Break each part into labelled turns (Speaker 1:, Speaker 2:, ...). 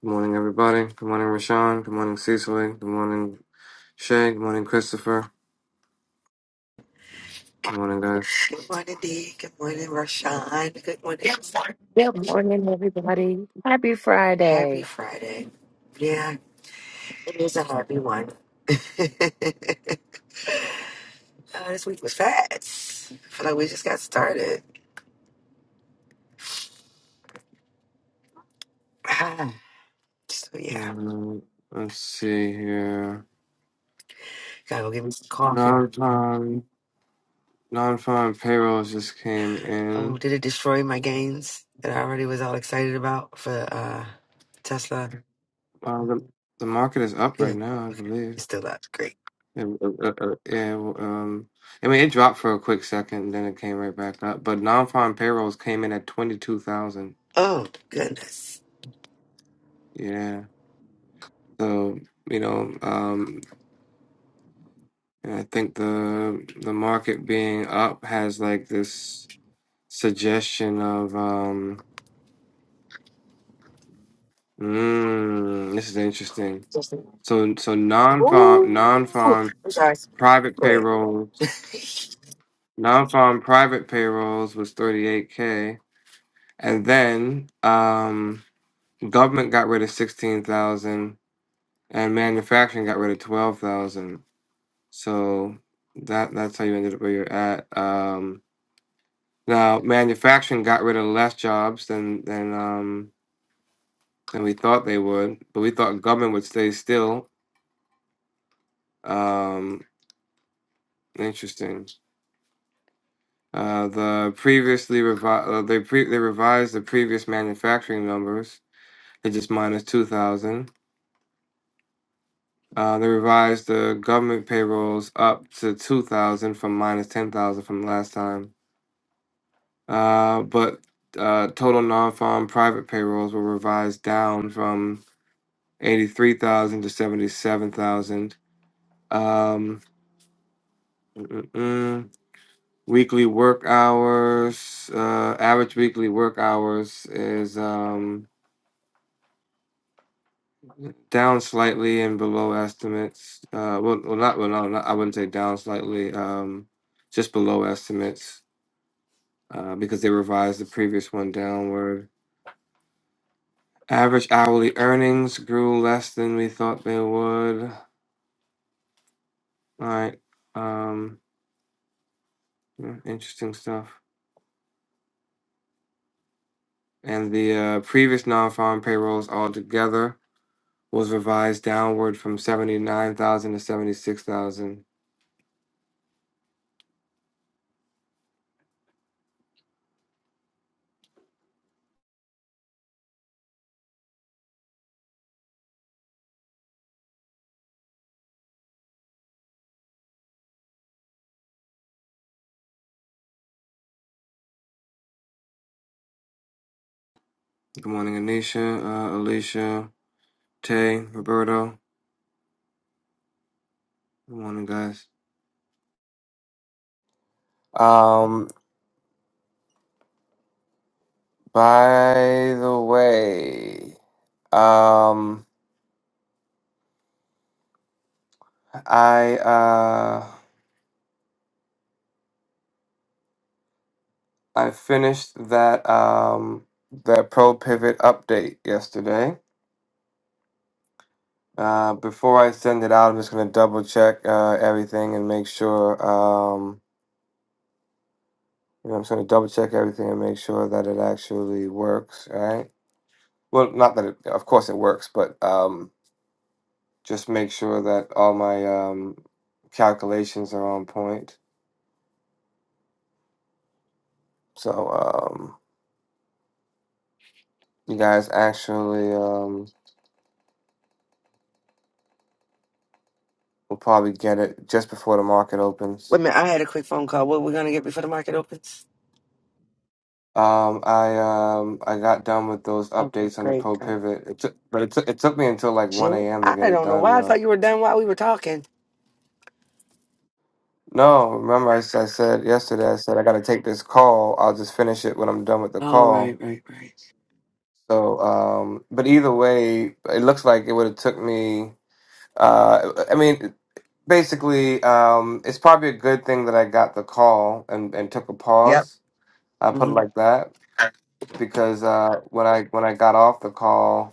Speaker 1: Good morning, everybody. Good morning, Rashawn. Good morning, Cecily. Good morning, Shay. Good morning, Christopher. Good morning, guys.
Speaker 2: Good morning, Dee. Good morning, Rashawn. Good morning. Yeah, I'm sorry.
Speaker 3: Good morning, everybody. Happy
Speaker 2: Happy
Speaker 3: Friday.
Speaker 2: Friday. Yeah, it is a happy one. uh, this week was fast. I feel like we just got started. Ah, so, yeah,
Speaker 1: Um, let's see here.
Speaker 2: gotta go get me some coffee.
Speaker 1: Non-farm, non-farm payrolls just came
Speaker 2: Oh,
Speaker 1: in.
Speaker 2: did it destroy my gains that I already was all excited about for uh, Tesla?
Speaker 1: Uh, the the market is up right
Speaker 2: Good.
Speaker 1: now, I
Speaker 2: Okay.
Speaker 1: believe.
Speaker 2: It's still up. Great.
Speaker 1: It, uh, uh, yeah. Um, I mean, it dropped for a quick second, and then it came right back up. But non-farm payrolls came in at twenty-two thousand.
Speaker 2: Oh, goodness.
Speaker 1: Yeah. So you know, um, And I think the the market being up has like this suggestion of um mm, this is interesting.
Speaker 2: Just-
Speaker 1: So so non-farm
Speaker 2: Ooh.
Speaker 1: non-farm
Speaker 2: I'm sorry.
Speaker 1: private
Speaker 2: Go ahead.
Speaker 1: payrolls, non-farm private payrolls was 38k and then um government got rid of 16,000 and manufacturing got rid of 12,000. So that that's how you ended up where you're at. Um, Now, manufacturing got rid of less jobs than than um than we thought they would, but we thought government would stay still. Um, interesting. Uh, the previously revi- uh, they pre- they revised the previous manufacturing numbers. They just minus two thousand. Uh, they revised the government payrolls up to two thousand from minus ten thousand from last time. Uh, but uh, total non-farm private payrolls were revised down from 83,000 to 77,000. Um, mm mm weekly work hours, uh, average weekly work hours is um, down slightly and below estimates. Uh, well, well, not, well, no, not, I wouldn't say down slightly, um, just below estimates uh, because they revised the previous one downward. Average hourly earnings grew less than we thought they would. All right. Um, yeah, interesting stuff. and the uh, previous non-farm payrolls altogether was revised downward from 79,000 to 76,000. Good morning, Anisha, uh, Alicia, Tay, Roberto. Good morning, guys. Um, by the way, um, I uh, I finished that um that pro pivot update yesterday. Uh, before I send it out, I'm just gonna double check uh, everything and make sure. Um, you know, I'm just gonna double check everything and make sure that it actually works. Right. Well, not that it, of course it works, but um, just make sure that all my um, calculations are on point. So um, you guys actually um, will probably get it just before the market opens.
Speaker 2: Wait a minute, I had a quick phone call. What we gonna get before the market opens?
Speaker 1: Um, I um I got done with those
Speaker 2: Okay,
Speaker 1: updates on the
Speaker 2: great,
Speaker 1: Pro
Speaker 2: great.
Speaker 1: Pivot. It took, but it took it took me until like one
Speaker 2: Jim,
Speaker 1: a.m. to get
Speaker 2: I
Speaker 1: it
Speaker 2: don't know
Speaker 1: done
Speaker 2: why I thought
Speaker 1: though.
Speaker 2: you were done while we were talking.
Speaker 1: No, remember I, s- I said yesterday. I said I got to take this call. I'll just finish it when I'm done with the
Speaker 2: Oh, right,
Speaker 1: call.
Speaker 2: right, right.
Speaker 1: So, um, but either way, it looks like it would have took me. Uh, I mean, basically, um, it's probably a good thing that I got the call and and took a
Speaker 2: Yep.
Speaker 1: pause. I put it
Speaker 2: hmm
Speaker 1: like that because uh, when I when I got off the call.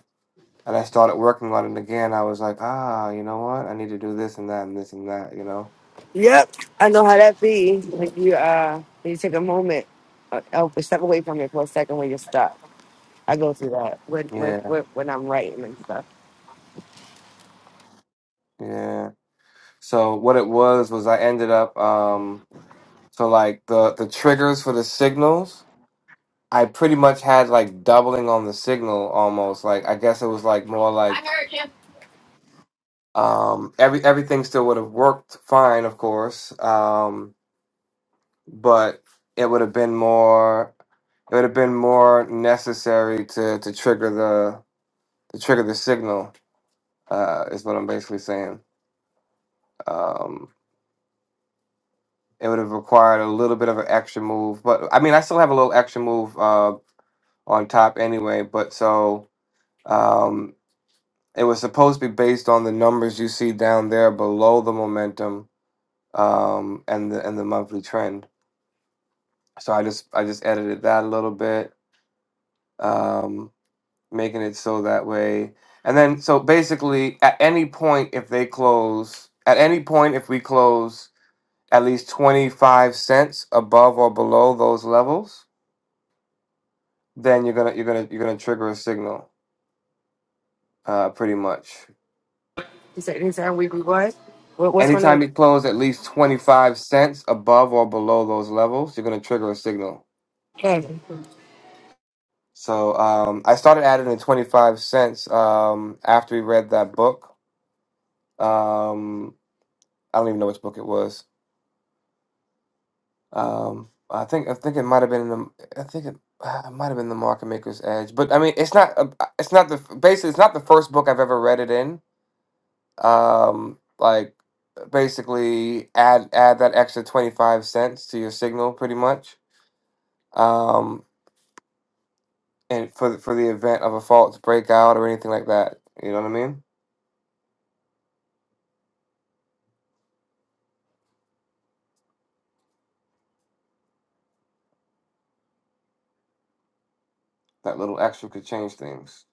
Speaker 1: and I started working on it again, I was like, ah, you know what? I need to do this and that and this and that, you know?
Speaker 2: Yep. I know how that be. Like you, uh, you take a moment, uh, oh, step away from it for a second when you're stuck. I go through that when when
Speaker 1: Yeah,
Speaker 2: when, when I'm writing and stuff.
Speaker 1: yeah. So what it was was I ended up um so like the the triggers for the signals, I pretty much had like doubling on the signal almost. Like I guess it was like more like um every everything still would have worked fine, of course. Um but it would have been more it would have been more necessary to to trigger the to trigger the signal uh, is what I'm basically saying. Um, it would have required a little bit of an extra move, but I mean, I still have a little extra move uh, on top anyway. But so um, it was supposed to be based on the numbers you see down there below the momentum um, and the and the monthly trend. So I just I just edited that a little bit, um, making it so that way. And then so basically, at any point if they close, at any point if we close at least 25 cents above or below those levels, then you're gonna you're gonna you're gonna trigger a signal, uh, pretty much.
Speaker 2: You said this time we what? What what's going on?
Speaker 1: Anytime you close at least 25 cents above or below those levels, you're gonna trigger a signal.
Speaker 2: Hey.
Speaker 1: So um, I started adding in 25 cents um, after we read that book. Um, I don't even know which book it was. Um, I think I think it might have been in the I think it, uh, it might have been the Market Maker's Edge, but I mean it's not a- it's not the basically it's not the first book I've ever read it in um like basically add add that extra 25 cents to your signal pretty much um and for the, for the event of a false breakout or anything like that you know what i mean that little extra could change things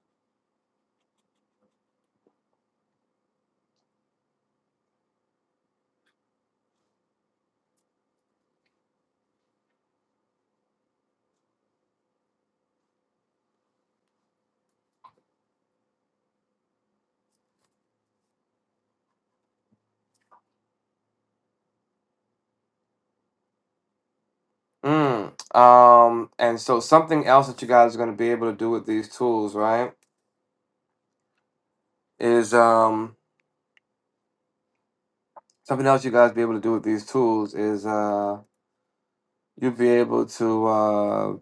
Speaker 1: mm. um and so something else that you guys are going to be able to do with these tools right is um something else you guys be able to do with these tools is uh you'll be able to uh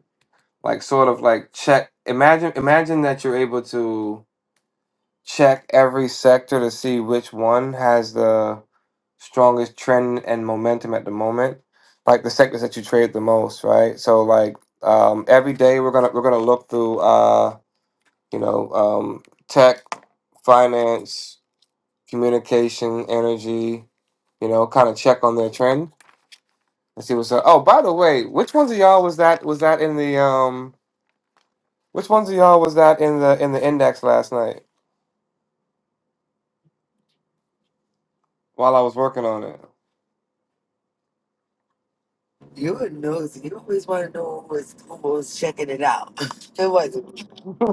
Speaker 1: like sort of like check imagine imagine that you're able to check every sector to see which one has the strongest trend and momentum at the moment like the sectors that you trade the most right so like um, every day we're gonna we're gonna look through uh you know um, tech finance communication energy you know kind of check on their trend and see what's up oh by the way which ones of y'all was that was that in the um which ones of y'all was that in the in the index last night while i was working on
Speaker 2: You would know. You always want to know who was who was checking it out. It was.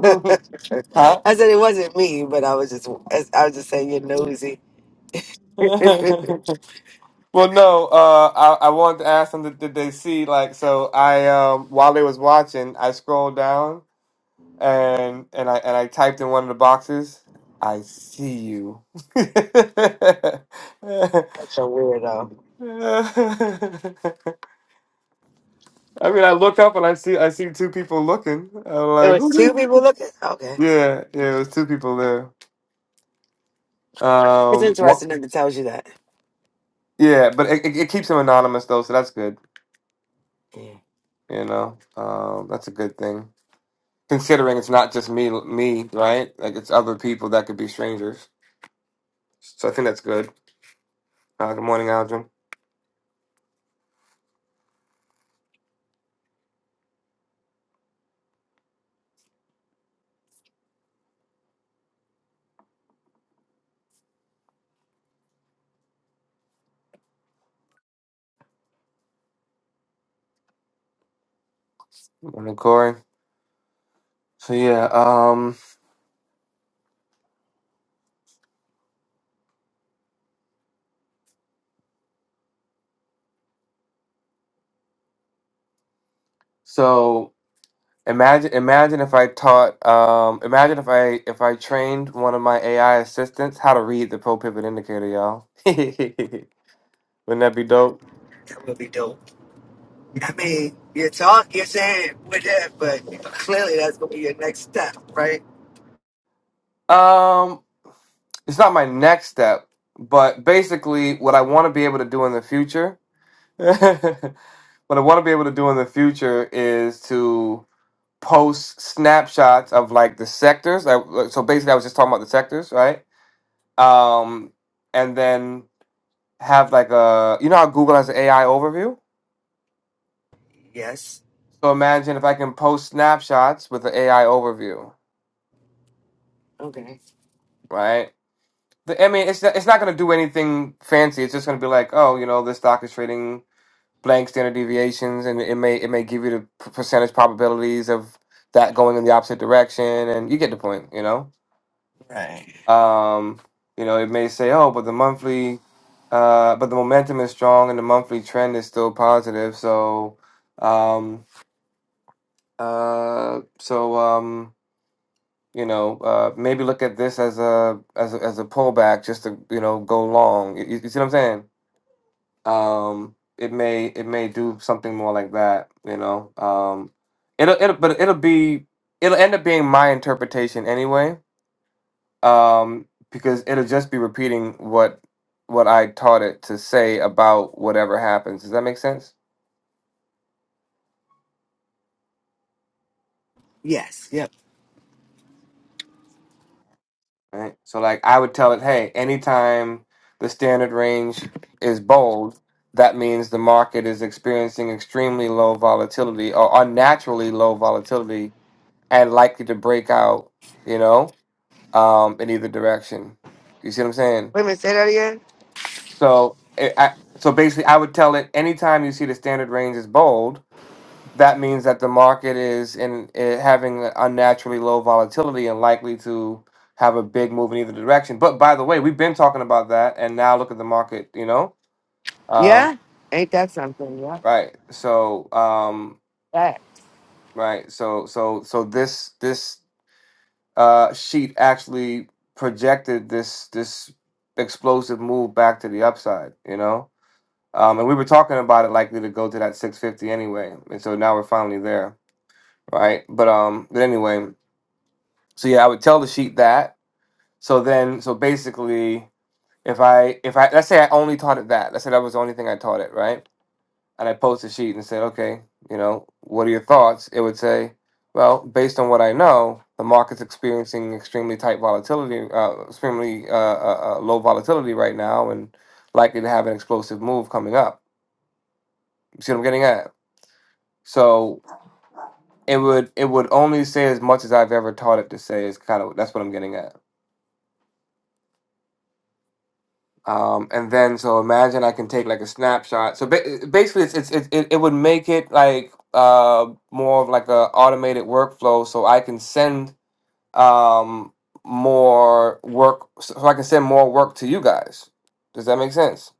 Speaker 2: I
Speaker 1: huh
Speaker 2: said it wasn't me, but I was just I was just saying you're nosy. That's
Speaker 1: well, no. Uh, I I wanted to ask them did, did they see like so. I um while they was watching, I scrolled down and and I and I typed in one of the boxes. I see you.
Speaker 2: a weirdo.
Speaker 1: I mean, I look up and I see I see two people looking. I'm
Speaker 2: It
Speaker 1: like,
Speaker 2: was
Speaker 1: who?
Speaker 2: two
Speaker 1: they-
Speaker 2: people looking. Okay,
Speaker 1: Yeah, yeah. It was two people there.
Speaker 2: it's
Speaker 1: Um, wha-
Speaker 2: interesting that it tells you that.
Speaker 1: yeah, but it, it, it keeps them anonymous though, so that's good.
Speaker 2: Yeah,
Speaker 1: You know, um, that's a good thing. Considering it's not just me, me, right? Like it's other people that could be strangers. So I think that's good. Uh, good morning, Algin. Good morning, Corey. So yeah, um, so imagine, imagine if I taught, um, imagine if I if I trained one of my AI assistants how to read the pro pivot indicator, y'all. Wouldn't that be dope?
Speaker 2: that would be dope. I mean, you're talk, you're saying with that, but clearly that's gonna be your next step, right?
Speaker 1: Um, it's not my next step, but basically, what I want to be able to do in the future. what I want to be able to do in the future is to post snapshots of like the sectors. like like, So basically, I was just talking about the sectors, right? Um, and then have like a you know how Google has an AI overview.
Speaker 2: Yes.
Speaker 1: So imagine if I can post snapshots with the AI overview,
Speaker 2: Okay.
Speaker 1: right? The, I mean, it's not, it's not going to do anything fancy. It's just going to be like, oh, you know, this stock is trading blank standard deviations, and it may it may give you the p- percentage probabilities of that going in the opposite direction, and you get the point, you know
Speaker 2: Right.
Speaker 1: Um, you know, it may say, oh, but the monthly, uh, but the momentum is strong and the monthly trend is still positive. So, um, uh, so um, you know, uh, maybe look at this as a as a, as a pullback just to you know go long. You, you see what I'm saying? Um, it may it may do something more like that. You know, um, it'll it'll but it'll be it'll end up being my interpretation anyway um, because it'll just be repeating what what I taught it to say about whatever happens. Does that make sense?
Speaker 2: Yes. Yep.
Speaker 1: Right. So like I would tell it, hey, anytime the standard range is bold, that means the market is experiencing extremely low volatility or unnaturally low volatility and likely to break out, you know, um, in either direction. You see what I'm saying?
Speaker 2: Wait a minute. Say that again.
Speaker 1: So it, I, so basically, I would tell it anytime you see the standard range is bold that means that the market is in eh, having unnaturally low volatility and likely to have a big move in either direction. But by the way, we've been talking about that, and now look at the market. You know, um,
Speaker 2: Yeah. Ain't that something? Yeah.
Speaker 1: right? So, um,
Speaker 2: That.
Speaker 1: right. So, so, so this this uh, sheet actually projected this this explosive move back to the upside. You know. Um, and we were talking about it likely to go to that 650 anyway, and so now we're finally there, right? But um, but anyway, So yeah, I would tell the sheep that. So then, so basically, if I if I let's say I only taught it that, let's say that was the only thing I taught it, right? And I post the sheet and said, okay, you know, what are your thoughts? It would say, well, based on what I know, the market's experiencing extremely tight volatility, uh, extremely uh, uh, uh, low volatility right now, and likely to have an explosive move coming up. You see what I'm getting at? So it would it would only say as much as I've ever taught it to say is kind of that's what I'm getting at. Um, and then so imagine I can take like a snapshot. So ba- basically, it's, it's it, it it would make it like uh more of like a automated workflow. So I can send um more work. So so I can send more work to you guys. Does that make sense?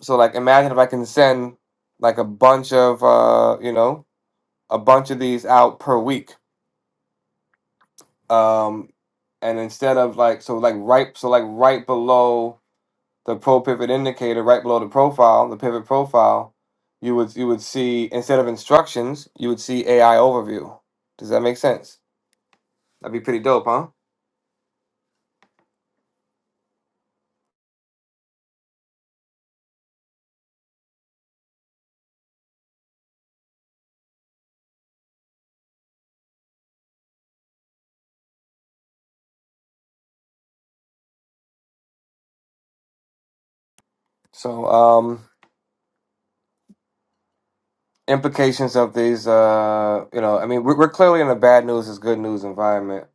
Speaker 1: So like imagine if I can send like a bunch of uh you know a bunch of these out per week. Um, and instead of like so like right so like right below the pro pivot indicator right below the profile, the pivot profile, you would you would see instead of instructions, you would see AI overview. Does that make sense? That'd be pretty dope, huh? So um, implications of these, uh, you know, I mean, we're, we're clearly in a bad news is good news environment,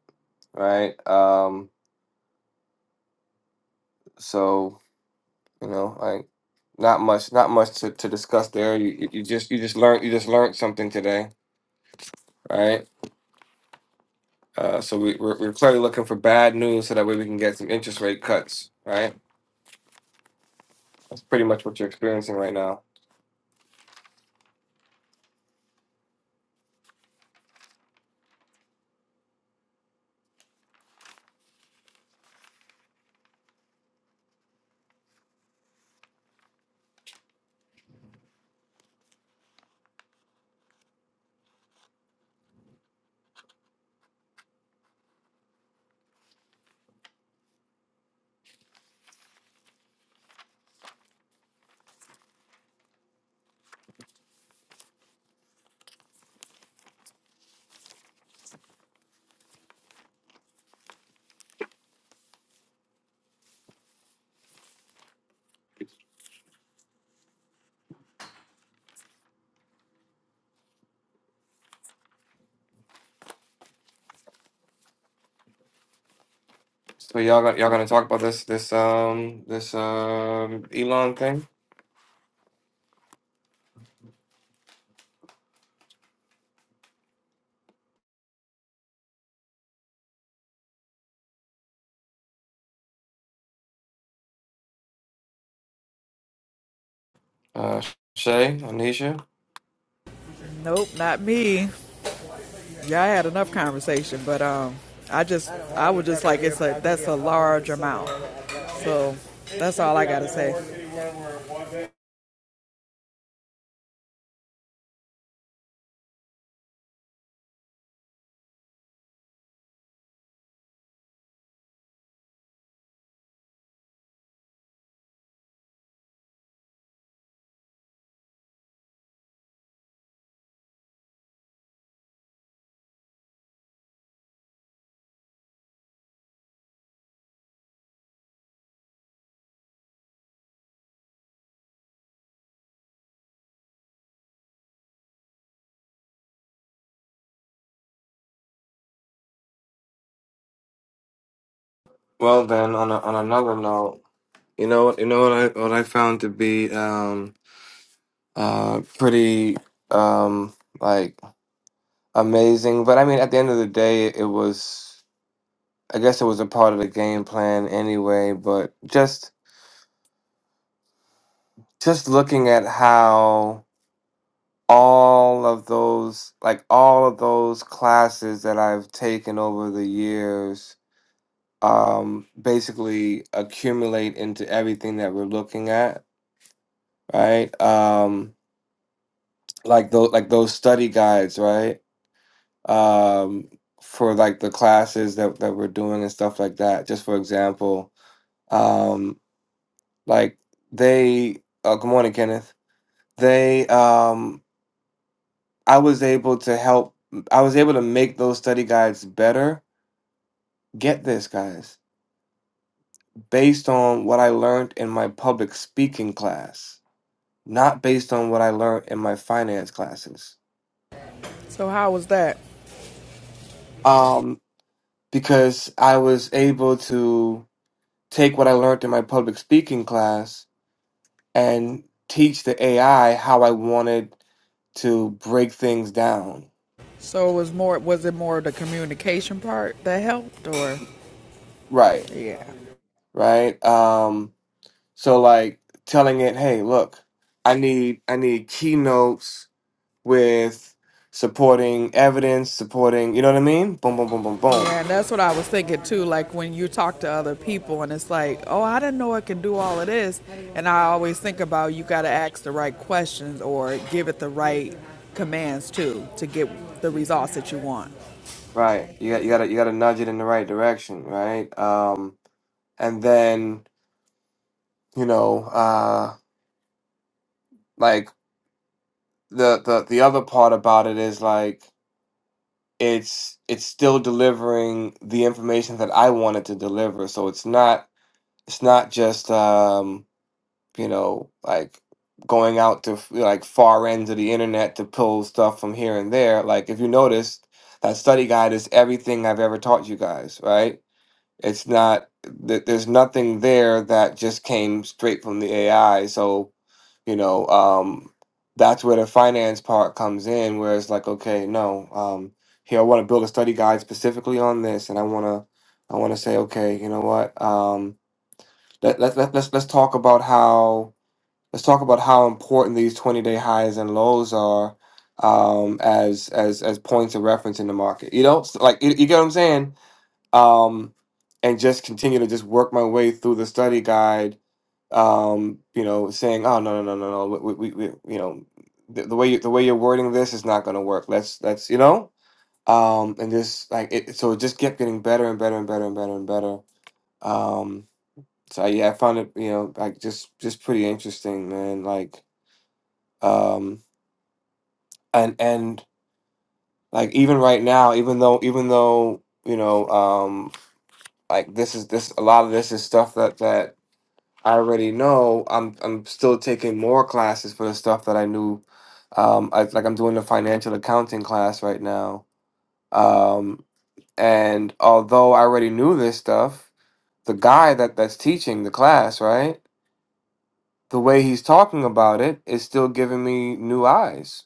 Speaker 1: right? Um, so you know, like not much, not much to, to discuss there. You you you just you just learned you just learned something today, right? Uh, so we, we're, we're clearly looking for bad news so that way we can get some interest rate cuts, right? That's pretty much what you're experiencing right now. So y'all gonna, y'all gonna talk about this this um this um Elon thing, uh, Shay, Anisha.
Speaker 4: Nope, not me. Yeah, I had enough conversation, but um, I just I was just like it's a that's a large amount. So that's all I gotta say.
Speaker 1: Well then, on a, on another note, you know what you know what I what I found to be um uh pretty um like amazing, but I mean at the end of the day, it was I guess it was a part of the game plan anyway, but just just looking at how all of those like all of those classes that I've taken over the years um basically accumulate into everything that we're looking at right um like those like those study guides right um for like the classes that that we're doing and stuff like that just for example um like they oh good morning Kenneth they um I was able to help, I was able to make those study guides better. Get this, guys, based on what I learned in my public speaking class, not based on what I learned in my finance classes.
Speaker 4: So how was that?
Speaker 1: Um, because I was able to take what I learned in my public speaking class and teach the AI how I wanted to break things down.
Speaker 4: So it was more was it more the communication part that helped or
Speaker 1: Right,
Speaker 4: yeah.
Speaker 1: right. Um, So like telling it, hey, look, I need I need keynotes with supporting evidence, supporting, you know what I mean? Boom, boom, boom, boom, boom.
Speaker 4: Yeah, and that's what I was thinking too. Like when you talk to other people, and it's like, oh, I didn't know it can do all of this. And I always think about you got to ask the right questions or give it the right commands too to get the results that you want.
Speaker 1: Right. You got you got to you got to nudge it in the right direction, right? Um, and then you know, uh, like the the the other part about it is like it's it's still delivering the information that I wanted to deliver. So it's not it's not just um you know, like going out to like far ends of the internet to pull stuff from here and there. Like if you noticed, that study guide is everything I've ever taught you guys, right? It's not th- there's nothing there that just came straight from the AI. So, you know, um that's where the finance part comes in where it's like, okay, no, um here I want to build a study guide specifically on this and I want to I want to say, okay, you know what? Um let, let, let, let's let's talk about how let's talk about how important these 20 day highs and lows are um, as as as points of reference in the market. You know, so, like you, you get what I'm saying. Um, and just continue to just work my way through the study guide. Um, you know, saying, oh no no no no no, we we, we you know the, the way you, the way you're wording this is not going to work. Let's let's you know. Um, and just like it, so it just kept getting better and better and better and better and better. Um, so yeah, I found it, you know, like just just pretty interesting, man. Like um and and like even right now even though even though you know um like this is this a lot of this is stuff that that i already know i'm i'm still taking more classes for the stuff that i knew um I, like i'm doing the financial accounting class right now um and although i already knew this stuff the guy that that's teaching the class right the way he's talking about it is still giving me new eyes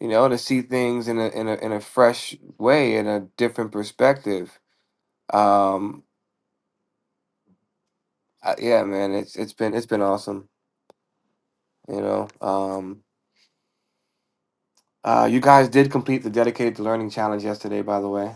Speaker 1: you know, to see things in a in a in a fresh way, in a different perspective. Um, uh, yeah, man, it's it's been it's been awesome. You know, um, uh, you guys did complete the dedicated to learning challenge yesterday, by the way.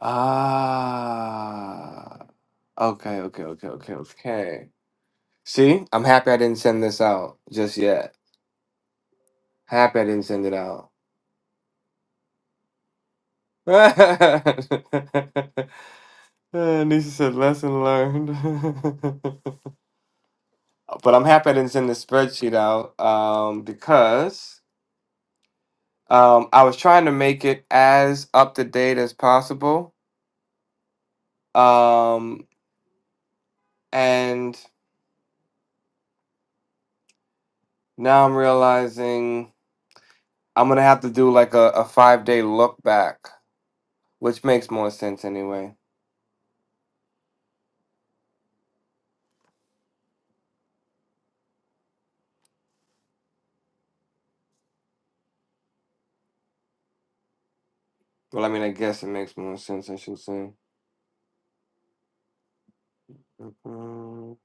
Speaker 1: Ah, okay, okay, okay, okay, okay. See, I'm happy I didn't send this out just yet. Happy I didn't send it out. Uh, Nisha said, lesson learned. but I'm happy that it's in the spreadsheet out um, because um, I was trying to make it as up to date as possible, um, and now I'm realizing I'm gonna have to do like a, a five day look back, which makes more sense anyway. Well, I mean, I guess it makes more sense. I should say. One,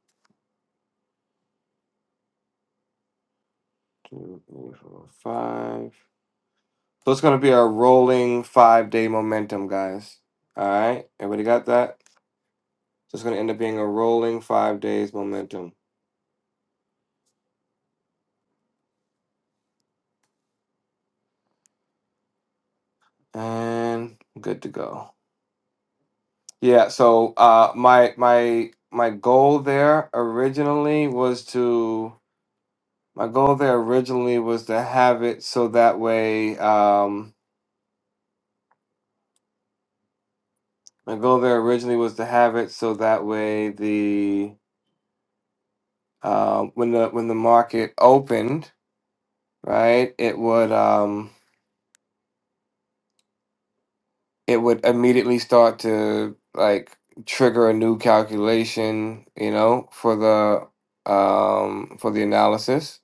Speaker 1: two, three, four, five. So it's gonna be a rolling five day momentum, guys. All right, everybody got that? So it's going to end up being a rolling five days momentum, and good to go. Yeah. So uh, my my my goal there originally was to my goal there originally was to have it so that way um, my goal there originally was to have it so that way the um, when the when the market opened right it would. Um, it would immediately start to like trigger a new calculation, you know, for the um for the analysis.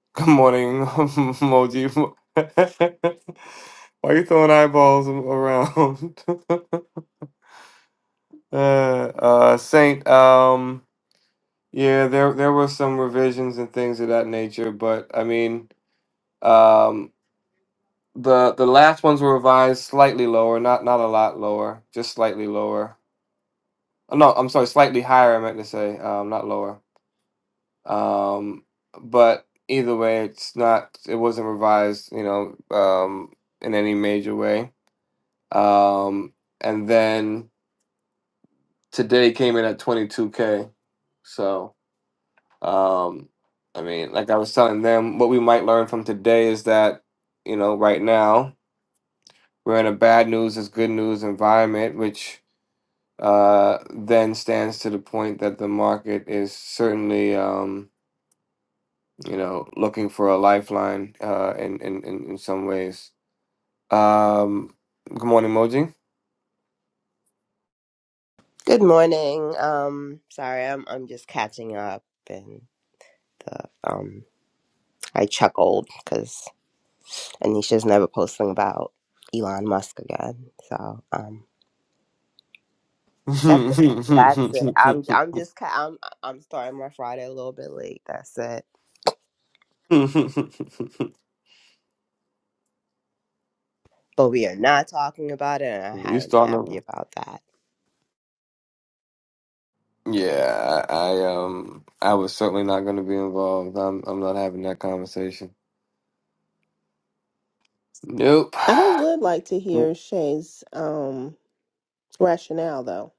Speaker 1: Good morning, emoji. Why you throwing eyeballs a- around? uh, uh, Saint. Um, yeah, there there were some revisions and things of that nature, but I mean, um, the the last ones were revised slightly lower, not not a lot lower, just slightly lower No, I'm sorry, slightly higher, I meant to say, um, not lower. Um, but either way, it's not, it wasn't revised, you know, um, in any major way. Um, and then today came in at 22K. So, um, I mean, like I was telling them, what we might learn from today is that, you know, right now we're in a bad news is good news environment, which uh, then stands to the point that the market is certainly. Um, you know, looking for a lifeline uh, in, in, in, in some ways. Um, good morning, Moji.
Speaker 5: Good morning. Um, sorry, I'm I'm just catching up, and the um, I chuckled because Anisha's never posting about Elon Musk again. So um, that's it. That's it. I'm I'm just ca- I'm I'm starting my Friday a little bit late. That's it. But we are not talking about it, and
Speaker 1: you
Speaker 5: I am
Speaker 1: starting
Speaker 5: happy
Speaker 1: over?
Speaker 5: about that.
Speaker 1: Yeah, I, I um I was certainly not going to be involved. I'm I'm not having that conversation. Nope.
Speaker 6: I would like to hear Shay's um rationale though,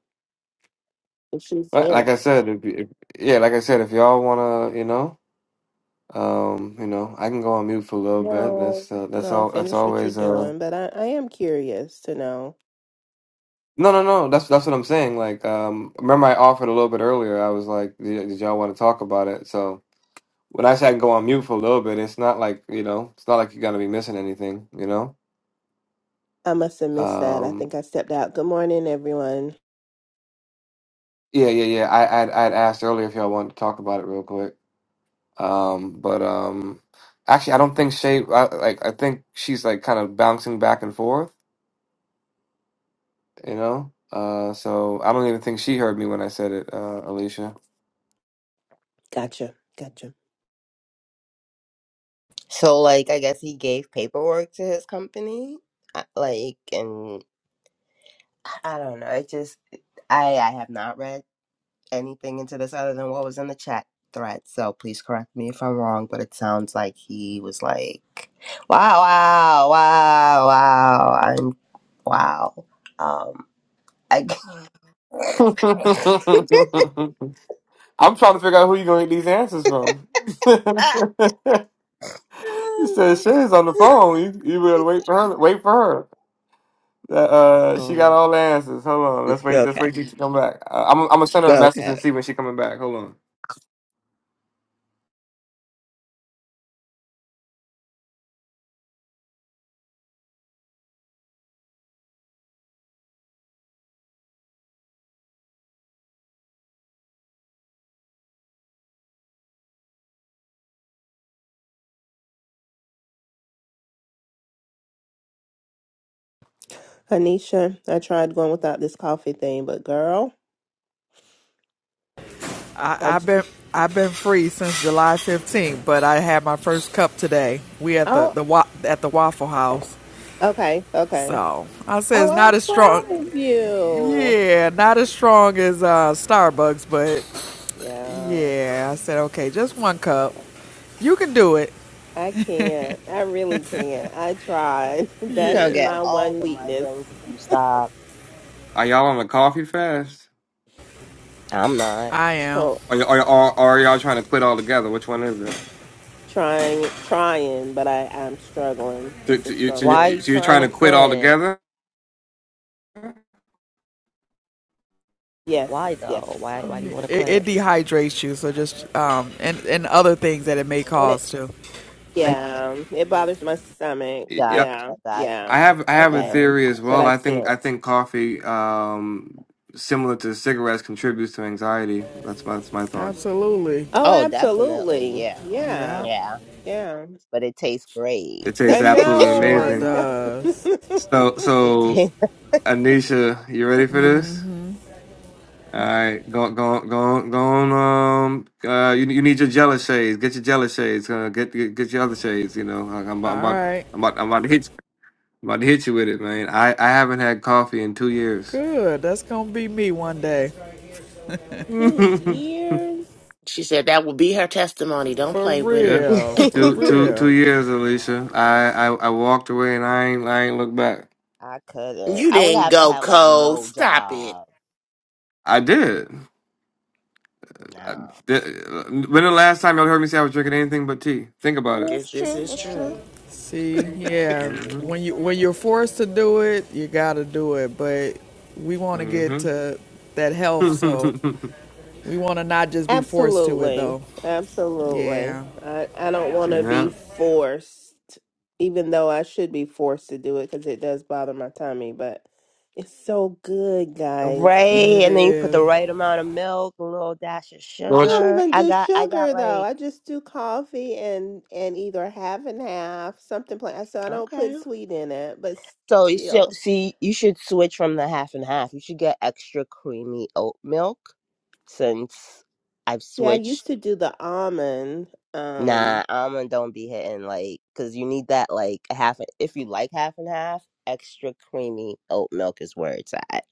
Speaker 6: if she's
Speaker 1: Right,
Speaker 6: there.
Speaker 1: like I said, if, you- if yeah, like I said, if y'all wanna, you know, um, you know, I can go on mute for a little bit.
Speaker 6: No,
Speaker 1: That's uh, that's
Speaker 6: no,
Speaker 1: all. That's
Speaker 6: finish what you're
Speaker 1: always uh.
Speaker 6: doing, but I, I am curious to know.
Speaker 1: No, no, no. That's that's what I'm saying. Like, um, remember I offered a little bit earlier. I was like, "Did, did y'all want to talk about it?" So when I say I can go on mute for a little bit, it's not like you know, it's not like you're gonna be missing anything, you know.
Speaker 6: I must have missed that. I
Speaker 1: Um,
Speaker 6: think I stepped out. Good morning, everyone.
Speaker 1: yeah, yeah, yeah. I I'd, I'd asked earlier if y'all wanted to talk about it real quick. Um, but um, actually, I don't think Shay. I, like, I think she's like kind of bouncing back and forth, you know. Uh, so I don't even think she heard me when I said it, uh, Alicia.
Speaker 6: Gotcha, gotcha.
Speaker 5: So like, I guess he gave paperwork to his company, uh, like, and I don't know. It just I I have not read. anything into this other than what was in the chat thread. So please correct me if I'm wrong, but it sounds like he was like, "Wow, wow, wow, wow, I'm wow." Um, I
Speaker 1: I'm trying to figure out who you're gonna get these answers from. you said Sherry's on the phone. You you better wait for her. Wait for her. That, Uh, she got
Speaker 5: Mm.
Speaker 1: all the answers. Hold on. Let's wait. Let's
Speaker 5: okay,
Speaker 1: wait till she come back. Uh, I'm I'm gonna send her a message and
Speaker 5: okay.
Speaker 1: see when she coming back. Hold on.
Speaker 6: Anisha, I tried going without this coffee thing, but girl, I
Speaker 4: I, I've
Speaker 6: just,
Speaker 4: been I've been free since July 15th, but I had my first cup today. We at the
Speaker 6: oh,
Speaker 4: the wa- at the Waffle House,
Speaker 6: okay, okay.
Speaker 4: so I say
Speaker 6: Oh,
Speaker 4: it's not as strong.
Speaker 6: I'm proud of you.
Speaker 4: Yeah, not as strong as uh, Starbucks, but
Speaker 6: Yeah.
Speaker 4: yeah, I said okay, just one cup. You can do it.
Speaker 6: I can't. I really can't. I tried.
Speaker 5: You
Speaker 6: That's
Speaker 5: gonna get
Speaker 6: my
Speaker 5: all
Speaker 6: one
Speaker 5: the
Speaker 6: weakness.
Speaker 5: migraines if you stop.
Speaker 1: Are y'all on a coffee fast?
Speaker 5: I'm not.
Speaker 4: I am.
Speaker 1: Or y- or, or, or are y'all trying to quit altogether? Which one is it?
Speaker 6: trying trying but i i'm struggling
Speaker 1: So,
Speaker 6: it's a
Speaker 1: so, you, so,
Speaker 5: Why are
Speaker 6: struggle
Speaker 1: you,
Speaker 5: you
Speaker 1: so you're
Speaker 5: trying
Speaker 1: trying
Speaker 5: to
Speaker 1: to quit
Speaker 5: quit?
Speaker 1: altogether?
Speaker 6: yes
Speaker 5: Why though?
Speaker 6: yes
Speaker 5: Why Why do you want to
Speaker 4: It,
Speaker 5: quit?
Speaker 4: it dehydrates you, so just um, and and other things that it may
Speaker 6: and it
Speaker 4: cause too.
Speaker 6: yeah it bothers my stomach
Speaker 1: Yeah,
Speaker 5: Gotcha,
Speaker 6: yeah
Speaker 5: gotcha.
Speaker 6: yeah
Speaker 1: I have I have a
Speaker 5: Okay,
Speaker 6: yeah
Speaker 1: theory
Speaker 5: okay.
Speaker 1: as
Speaker 6: but
Speaker 1: well.
Speaker 6: i
Speaker 1: I think I
Speaker 6: can't
Speaker 1: think coffee, um, similar to cigarettes, contributes to anxiety. That's my that's my thought.
Speaker 4: Absolutely.
Speaker 6: oh
Speaker 5: Oh, definitely.
Speaker 6: absolutely
Speaker 5: Yeah.
Speaker 4: Yeah,
Speaker 6: yeah
Speaker 5: Yeah.
Speaker 6: yeah
Speaker 5: But it tastes great.
Speaker 1: It tastes
Speaker 6: i
Speaker 4: it
Speaker 1: absolutely
Speaker 6: know
Speaker 4: sure
Speaker 6: i
Speaker 1: amazing.
Speaker 6: know
Speaker 4: does.
Speaker 1: So, so
Speaker 5: I
Speaker 1: Anisha, you ready
Speaker 4: All
Speaker 1: for this? All right, go, go, go, go on. Um, uh, you you need your jealous shades. Get your jealous shades. Uh, get, get get your other shades. You know, I- I'm about I'm
Speaker 4: All
Speaker 1: about
Speaker 4: right.
Speaker 1: I'm about, I'm about to hit you. I'm about to hit you with it, man. I I haven't had coffee in two years.
Speaker 4: Good. That's gonna be me one day.
Speaker 6: two
Speaker 1: yeah,
Speaker 6: years
Speaker 3: She said that will be her testimony. Don't
Speaker 4: For
Speaker 3: play with it.
Speaker 4: real. For
Speaker 1: two two two
Speaker 4: real.
Speaker 1: years, Alicia. I, I I walked away and I ain't I ain't looked back.
Speaker 5: couldn't.
Speaker 3: You
Speaker 5: I would
Speaker 3: didn't
Speaker 5: have to
Speaker 3: go
Speaker 5: have like
Speaker 3: cold.
Speaker 5: no
Speaker 3: Stop it.
Speaker 5: job.
Speaker 1: I did. I
Speaker 5: No.
Speaker 1: did. When the last time y'all heard me say I was drinking anything but tea? Think about it.
Speaker 3: This
Speaker 5: That's
Speaker 3: this
Speaker 5: true.
Speaker 3: is
Speaker 5: That's true.
Speaker 3: true.
Speaker 4: See, yeah.
Speaker 1: hmm
Speaker 4: When you when you're forced to do it, you gotta do it. But we wanna get
Speaker 1: hmm
Speaker 4: to that health, so we wanna not just be forced to it
Speaker 6: Absolutely.
Speaker 4: though.
Speaker 6: Absolutely.
Speaker 4: Yeah.
Speaker 6: I, I don't want to
Speaker 1: yeah.
Speaker 6: be forced, even though I should be forced to do it because it does bother my tummy, but it's so good, guys.
Speaker 5: Right,
Speaker 4: It
Speaker 5: and then you put
Speaker 4: is.
Speaker 5: the right amount of milk, a little dash of
Speaker 6: I
Speaker 1: Moji,
Speaker 6: don't
Speaker 5: sugar.
Speaker 6: even
Speaker 5: I
Speaker 6: do
Speaker 5: got, I got
Speaker 6: sugar though.
Speaker 5: like
Speaker 6: I just do coffee and and either half and half, something plain. So I don't
Speaker 5: okay.
Speaker 6: put sweet in it, but
Speaker 5: So you should
Speaker 6: still.
Speaker 5: see, you should switch from the half and half. You should get extra creamy oat milk since I've
Speaker 6: Yeah, I
Speaker 5: switched.
Speaker 6: used to do the almond.
Speaker 5: Nah,
Speaker 6: Um,
Speaker 5: almond don't be hitting like because you need that like a half. If you like half and half, extra creamy oat milk is where it's at.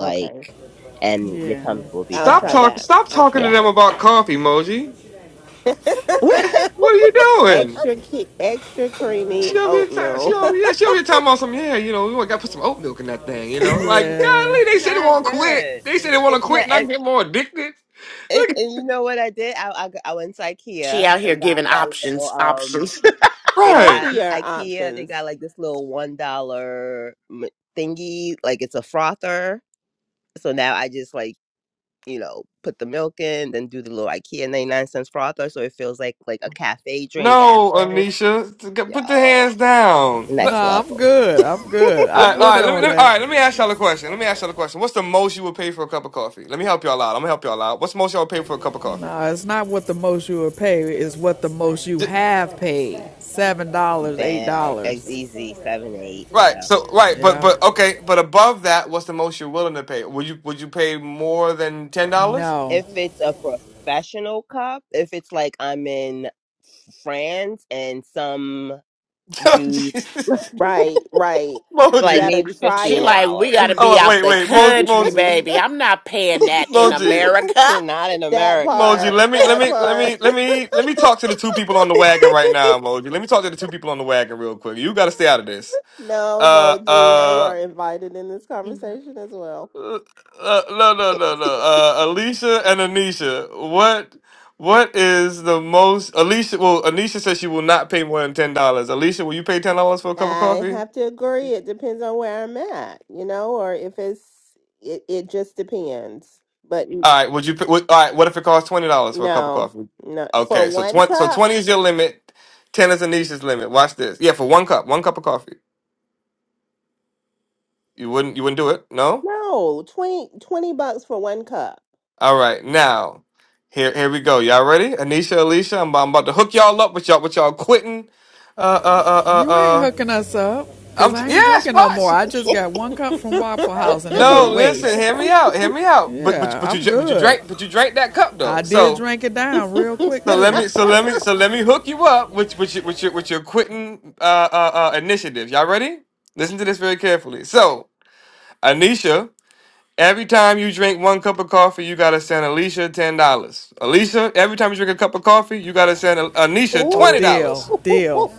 Speaker 6: okay.
Speaker 5: and your
Speaker 4: Yeah.
Speaker 5: tummy will be
Speaker 6: I'll
Speaker 1: stop
Speaker 6: try
Speaker 5: better.
Speaker 1: talking.
Speaker 6: that.
Speaker 1: Stop
Speaker 6: I'll
Speaker 1: talking
Speaker 6: try
Speaker 1: to
Speaker 5: Yeah,
Speaker 1: them about coffee, Moji.
Speaker 6: that.
Speaker 5: it's
Speaker 1: What are you doing?
Speaker 6: extra ki- extra
Speaker 1: She
Speaker 6: creamy
Speaker 1: over here. ta- She
Speaker 6: oatmeal
Speaker 1: over yeah. She over here talking about some. Yeah, you know, we got to put some oat milk in that thing. You know, like
Speaker 4: Yeah.
Speaker 1: golly, they said they
Speaker 5: mad
Speaker 1: want to quit.
Speaker 5: good.
Speaker 1: They said they want to
Speaker 5: It's
Speaker 1: quit,
Speaker 5: mad,
Speaker 1: and I
Speaker 5: and,
Speaker 1: get more addicted.
Speaker 5: it,
Speaker 1: Look, at-
Speaker 5: and you know what I did? I, I g- I went to
Speaker 3: She
Speaker 5: IKEA
Speaker 3: out here
Speaker 5: and got
Speaker 3: giving
Speaker 5: that little
Speaker 3: options,
Speaker 5: um.
Speaker 3: options.
Speaker 5: They
Speaker 1: right?
Speaker 5: got
Speaker 6: healthier
Speaker 5: IKEA. They
Speaker 6: options
Speaker 5: got like this little one dollar m- thingy. Like it's a frother. So now I just like you know, put the milk in, then do the little IKEA 99 cents frother so it feels like like a cafe drink at
Speaker 1: No,
Speaker 5: home.
Speaker 1: Anisha, t- g- put the
Speaker 5: Yo,
Speaker 1: hands down. Let-
Speaker 5: next
Speaker 4: Nah, I'm
Speaker 5: level.
Speaker 4: good. I'm good.
Speaker 1: All
Speaker 4: I'm
Speaker 1: right, all
Speaker 4: with her
Speaker 1: right. Let me,
Speaker 4: on
Speaker 1: let me all
Speaker 4: that.
Speaker 1: right. Let me ask y'all a question. Let me ask y'all a question. What's the most you would pay for a cup of coffee? Let me help y'all out. I'm gonna help y'all out. What's the most y'all would pay for a cup of coffee?
Speaker 4: Nah, it's not what the most you will pay, it's what the most you
Speaker 1: D-
Speaker 4: have paid. Seven dollars, eight
Speaker 5: Bam. It's
Speaker 4: dollars.
Speaker 5: easy. Seven, eight.
Speaker 1: Right.
Speaker 5: Yeah.
Speaker 1: So right, but
Speaker 4: Yeah.
Speaker 1: but okay, but above that, what's the most you're willing to pay? Would you would you pay more than ten dollars?
Speaker 4: No,
Speaker 5: If it's a professional cup, if it's like I'm in France and some dude,
Speaker 1: Moji.
Speaker 6: right right you
Speaker 5: like
Speaker 6: gotta
Speaker 5: maybe
Speaker 6: try
Speaker 3: she
Speaker 5: $15.
Speaker 6: it
Speaker 3: like, we gotta
Speaker 5: dollars
Speaker 3: be
Speaker 1: Oh
Speaker 3: out
Speaker 1: wait,
Speaker 3: the
Speaker 1: wait, Mo,
Speaker 3: country,
Speaker 1: Moji,
Speaker 3: baby. I'm not paying that in
Speaker 1: Moji,
Speaker 3: America.
Speaker 5: not in
Speaker 6: that
Speaker 1: Moji.
Speaker 5: America.
Speaker 6: part
Speaker 1: Let me let
Speaker 6: that
Speaker 1: me let
Speaker 6: part
Speaker 1: me let me let me talk to the two people on the wagon right now, Moji. Let me talk to the two people on the wagon real quick. You got to stay out of this.
Speaker 6: no
Speaker 1: Uh.
Speaker 6: moji you
Speaker 1: uh.
Speaker 6: are invited in this conversation as well
Speaker 1: Uh, uh, no, no, no, no. Uh, Alicia and Anisha, what what is the most? Alicia, well, Anisha says she will not pay more than ten dollars. Alicia, will you pay ten dollars for a cup of
Speaker 6: i
Speaker 1: coffee?
Speaker 6: have to agree it depends on where i'm at you know or if it's it, it just depends but n-
Speaker 1: All right. Would you? Pay, would, all right. What if it costs twenty dollars for a cup of
Speaker 6: no
Speaker 1: coffee?
Speaker 6: no for
Speaker 1: Okay. So
Speaker 6: one
Speaker 1: twenty. So
Speaker 6: cup
Speaker 1: twenty is your limit. Ten is Anisha's limit. Watch this. Yeah, for one cup, one cup of coffee. You wouldn't. You wouldn't do it. No.
Speaker 6: no twenty twenty bucks for one cup
Speaker 1: All right. Now, here, here we go. Y'all ready? Anisha, Alicia, I'm, I'm about to hook y'all up with y'all, with y'all quitting. Uh, uh, uh, uh,
Speaker 4: you ain't
Speaker 1: uh.
Speaker 4: hooking us up. Cause
Speaker 1: I'm t-
Speaker 4: I ain't
Speaker 1: yes,
Speaker 4: drinking no more.
Speaker 1: watch.
Speaker 4: I just got one cup from Waffle House and it was a
Speaker 1: No, listen,
Speaker 4: waste.
Speaker 1: hear me out, hear me out. But but
Speaker 4: Yeah,
Speaker 1: but you
Speaker 4: I'm
Speaker 1: dr- but you
Speaker 4: good.
Speaker 1: drank but you drank that cup
Speaker 4: I
Speaker 1: though.
Speaker 4: did
Speaker 1: So
Speaker 4: drink it down real quick
Speaker 1: so let
Speaker 4: too.
Speaker 1: me so let me so let me hook you up with with your with your with your quitting uh, uh uh initiative. Y'all ready? Listen to this very carefully. So Anisha, every time you drink one cup of coffee, you gotta send Alicia ten dollars. Alicia, every time you drink a cup of coffee, you gotta send Anisha
Speaker 4: Oh,
Speaker 6: Ooh.
Speaker 1: twenty
Speaker 4: deal,
Speaker 1: dollars.
Speaker 4: deal.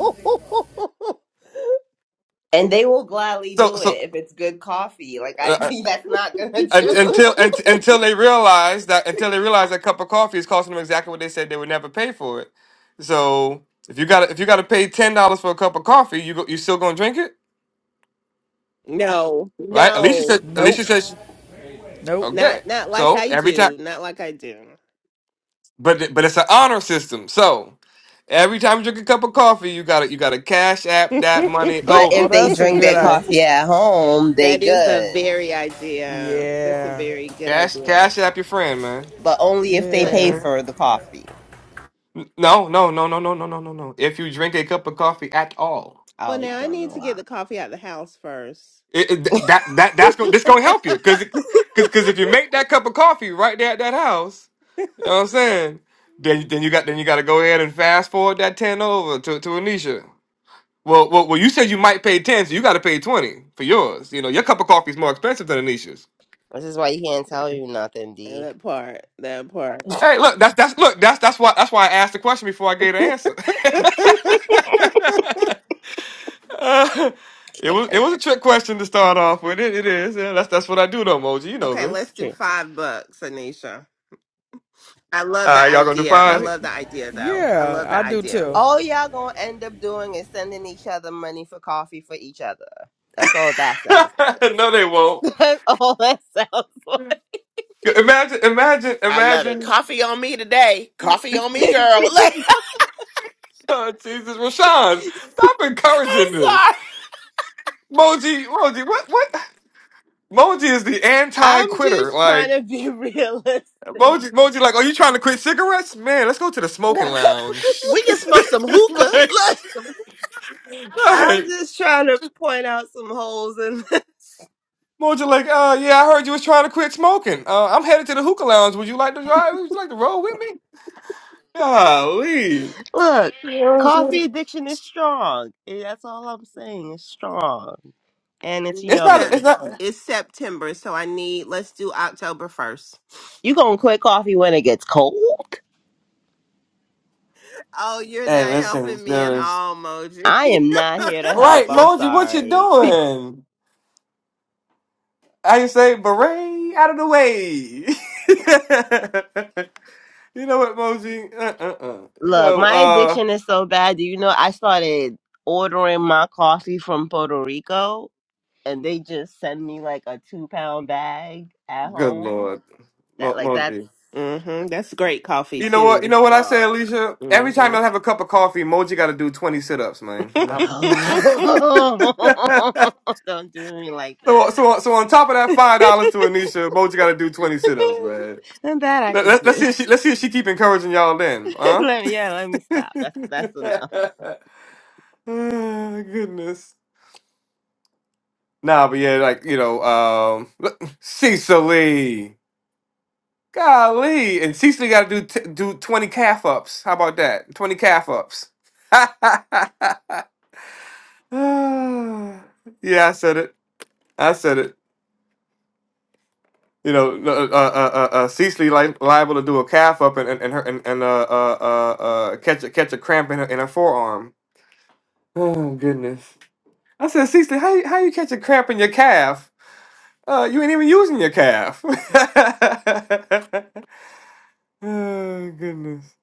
Speaker 5: and they will gladly
Speaker 1: So
Speaker 5: do
Speaker 1: so
Speaker 5: it if it's good coffee. Like I
Speaker 1: uh, uh,
Speaker 5: that's not gonna
Speaker 1: Un-
Speaker 5: do.
Speaker 1: until un- until they realize that until they realize that cup of coffee is costing them exactly what they said they would never pay for it. So if you got if you got to pay ten dollars for a cup of coffee, you go, you still gonna drink it,
Speaker 6: no,
Speaker 1: right? Alicia
Speaker 6: no,
Speaker 1: said.
Speaker 4: Nope,
Speaker 1: Alicia says she-
Speaker 4: nope.
Speaker 6: not
Speaker 1: okay.
Speaker 6: not like
Speaker 1: So
Speaker 6: I
Speaker 1: every time,
Speaker 6: do, not like I do.
Speaker 1: but it- but it's an honor system. So every time you drink a cup of coffee, you got to you got to cash app that
Speaker 6: that
Speaker 1: money
Speaker 5: But
Speaker 4: Oh,
Speaker 5: if
Speaker 1: over.
Speaker 5: they
Speaker 4: that's a
Speaker 5: drink
Speaker 4: good
Speaker 5: their coffee
Speaker 4: idea.
Speaker 5: at home, they
Speaker 6: is a
Speaker 5: good.
Speaker 6: very idea. That's a
Speaker 4: Yeah,
Speaker 6: very good
Speaker 1: Cash
Speaker 6: idea.
Speaker 1: cash app your friend, man.
Speaker 5: But only if they
Speaker 1: You know
Speaker 6: But
Speaker 1: what
Speaker 5: pay
Speaker 1: I
Speaker 4: yeah.
Speaker 1: mean?
Speaker 5: for the coffee.
Speaker 1: No, no, no, no, no, no, no, no, no. If you drink a cup of coffee at all.
Speaker 6: well,
Speaker 5: Oh, you
Speaker 6: now I
Speaker 5: doing
Speaker 6: need
Speaker 5: a
Speaker 6: to get the
Speaker 5: lot.
Speaker 6: coffee out the house first.
Speaker 1: It- it- that that that's go, this gonna help you because because if you make that cup of coffee right there at that house, you know what I'm saying? Then then you got then you got to go ahead and fast forward that ten over to to Anisha. Well, well, well, you said you might pay ten, so you got to pay twenty for yours. You know your cup of coffee is more expensive than Anisha's.
Speaker 5: This is why you can't tell you nothing, D.
Speaker 6: that part, that part.
Speaker 1: Hey, look, that's that's look, that's that's why that's why I asked the question before I gave the answer. Uh, it was it was a trick question to start off with. It, it is. Yeah, that's that's what I do though, Moji. You know
Speaker 6: okay,
Speaker 1: this.
Speaker 6: let's do
Speaker 5: True.
Speaker 6: five bucks, Anisha. I love
Speaker 1: All
Speaker 6: the
Speaker 1: right, y'all gonna do
Speaker 6: idea. I
Speaker 1: fine.
Speaker 4: We,
Speaker 6: love the idea, though. I
Speaker 4: yeah,
Speaker 6: love the
Speaker 4: I do
Speaker 6: idea.
Speaker 4: too.
Speaker 5: All y'all gonna end up doing is sending each other money for coffee for each other. That's all that sounds like.
Speaker 1: no, they won't.
Speaker 5: That's all that sounds
Speaker 1: Imagine, imagine,
Speaker 3: I love it.
Speaker 1: imagine.
Speaker 3: Coffee on me today. Coffee on me,
Speaker 5: like.
Speaker 3: girl. Like,
Speaker 1: Oh, Jesus, Rashawn, stop
Speaker 3: I'm
Speaker 1: encouraging this.
Speaker 3: sorry.
Speaker 1: Moji, Moji, what, what? Moji is the
Speaker 5: I'm
Speaker 1: anti-quitter.
Speaker 5: just trying
Speaker 1: Like
Speaker 5: to be realistic.
Speaker 1: Moji, Moji, like, are you trying to quit cigarettes? Man, let's go to the smoking lounge.
Speaker 3: We can smoke some hookah.
Speaker 1: like,
Speaker 3: Look.
Speaker 5: I'm
Speaker 1: right.
Speaker 5: just trying to point out some holes in this.
Speaker 1: Moji, like, uh, yeah, I heard you was trying to quit smoking. Uh, I'm headed to the hookah lounge. Would you like to drive? Would you like to roll with me? Golly, You
Speaker 5: Look,
Speaker 1: know what I'm
Speaker 5: coffee
Speaker 1: saying?
Speaker 5: addiction is strong. And That's all I'm saying. It's strong and it's
Speaker 1: it's not,
Speaker 6: Anisha,
Speaker 1: it's
Speaker 5: yummy.
Speaker 1: not.
Speaker 6: it's September, so I need, let's do October 1st.
Speaker 5: You gonna quit coffee when it gets cold?
Speaker 6: Oh, you're
Speaker 1: Hey,
Speaker 6: not
Speaker 1: listen,
Speaker 6: helping me at
Speaker 1: there is.
Speaker 6: all, Moji.
Speaker 5: I am not here to help.
Speaker 1: Right,
Speaker 5: I'm
Speaker 1: Moji, what you
Speaker 5: sorry.
Speaker 1: doing? I can say beret out of the way. you know what, Moji? Uh, uh, uh. You
Speaker 5: Look,
Speaker 1: know,
Speaker 5: my
Speaker 1: uh,
Speaker 5: addiction is so bad. Do you know I started ordering my coffee from Puerto Rico and they just send me like a two pound bag at
Speaker 1: good
Speaker 5: home?
Speaker 1: lord, Mo-
Speaker 5: That like that's
Speaker 1: Moji.
Speaker 6: hmm That's great coffee,
Speaker 1: You know what? You
Speaker 6: too.
Speaker 1: know what I say,
Speaker 5: look.
Speaker 1: Alicia.
Speaker 6: hmm
Speaker 1: Every time I have a cup of coffee, Moji got to do twenty sit-ups, man. I-
Speaker 5: No. Don't do me like
Speaker 1: so, so,
Speaker 5: that.
Speaker 1: so on top of that five dollars to Anisha, Moji got to do twenty sit-ups, man.
Speaker 5: and that I
Speaker 1: Let,
Speaker 5: could
Speaker 1: let, let's see.
Speaker 5: do.
Speaker 1: If she, let's see if she keep encouraging y'all. Then, huh?
Speaker 5: let me, yeah, let me stop. That's that's enough.
Speaker 1: oh, goodness. Nah, but yeah, like you know, um, look, Cecily, golly, and Cecily got to do t- do twenty calf ups. How about that? Twenty calf ups. yeah, I said it. I said it. You know, uh, uh, uh, uh, Cecily li- liable to do a calf up and and, and her and, and uh, uh, uh, uh, catch a catch a cramp in her in her forearm. Oh goodness! I said, Cecily, how you, how you catch a cramp in your calf? Uh, you ain't even using your calf. Oh goodness.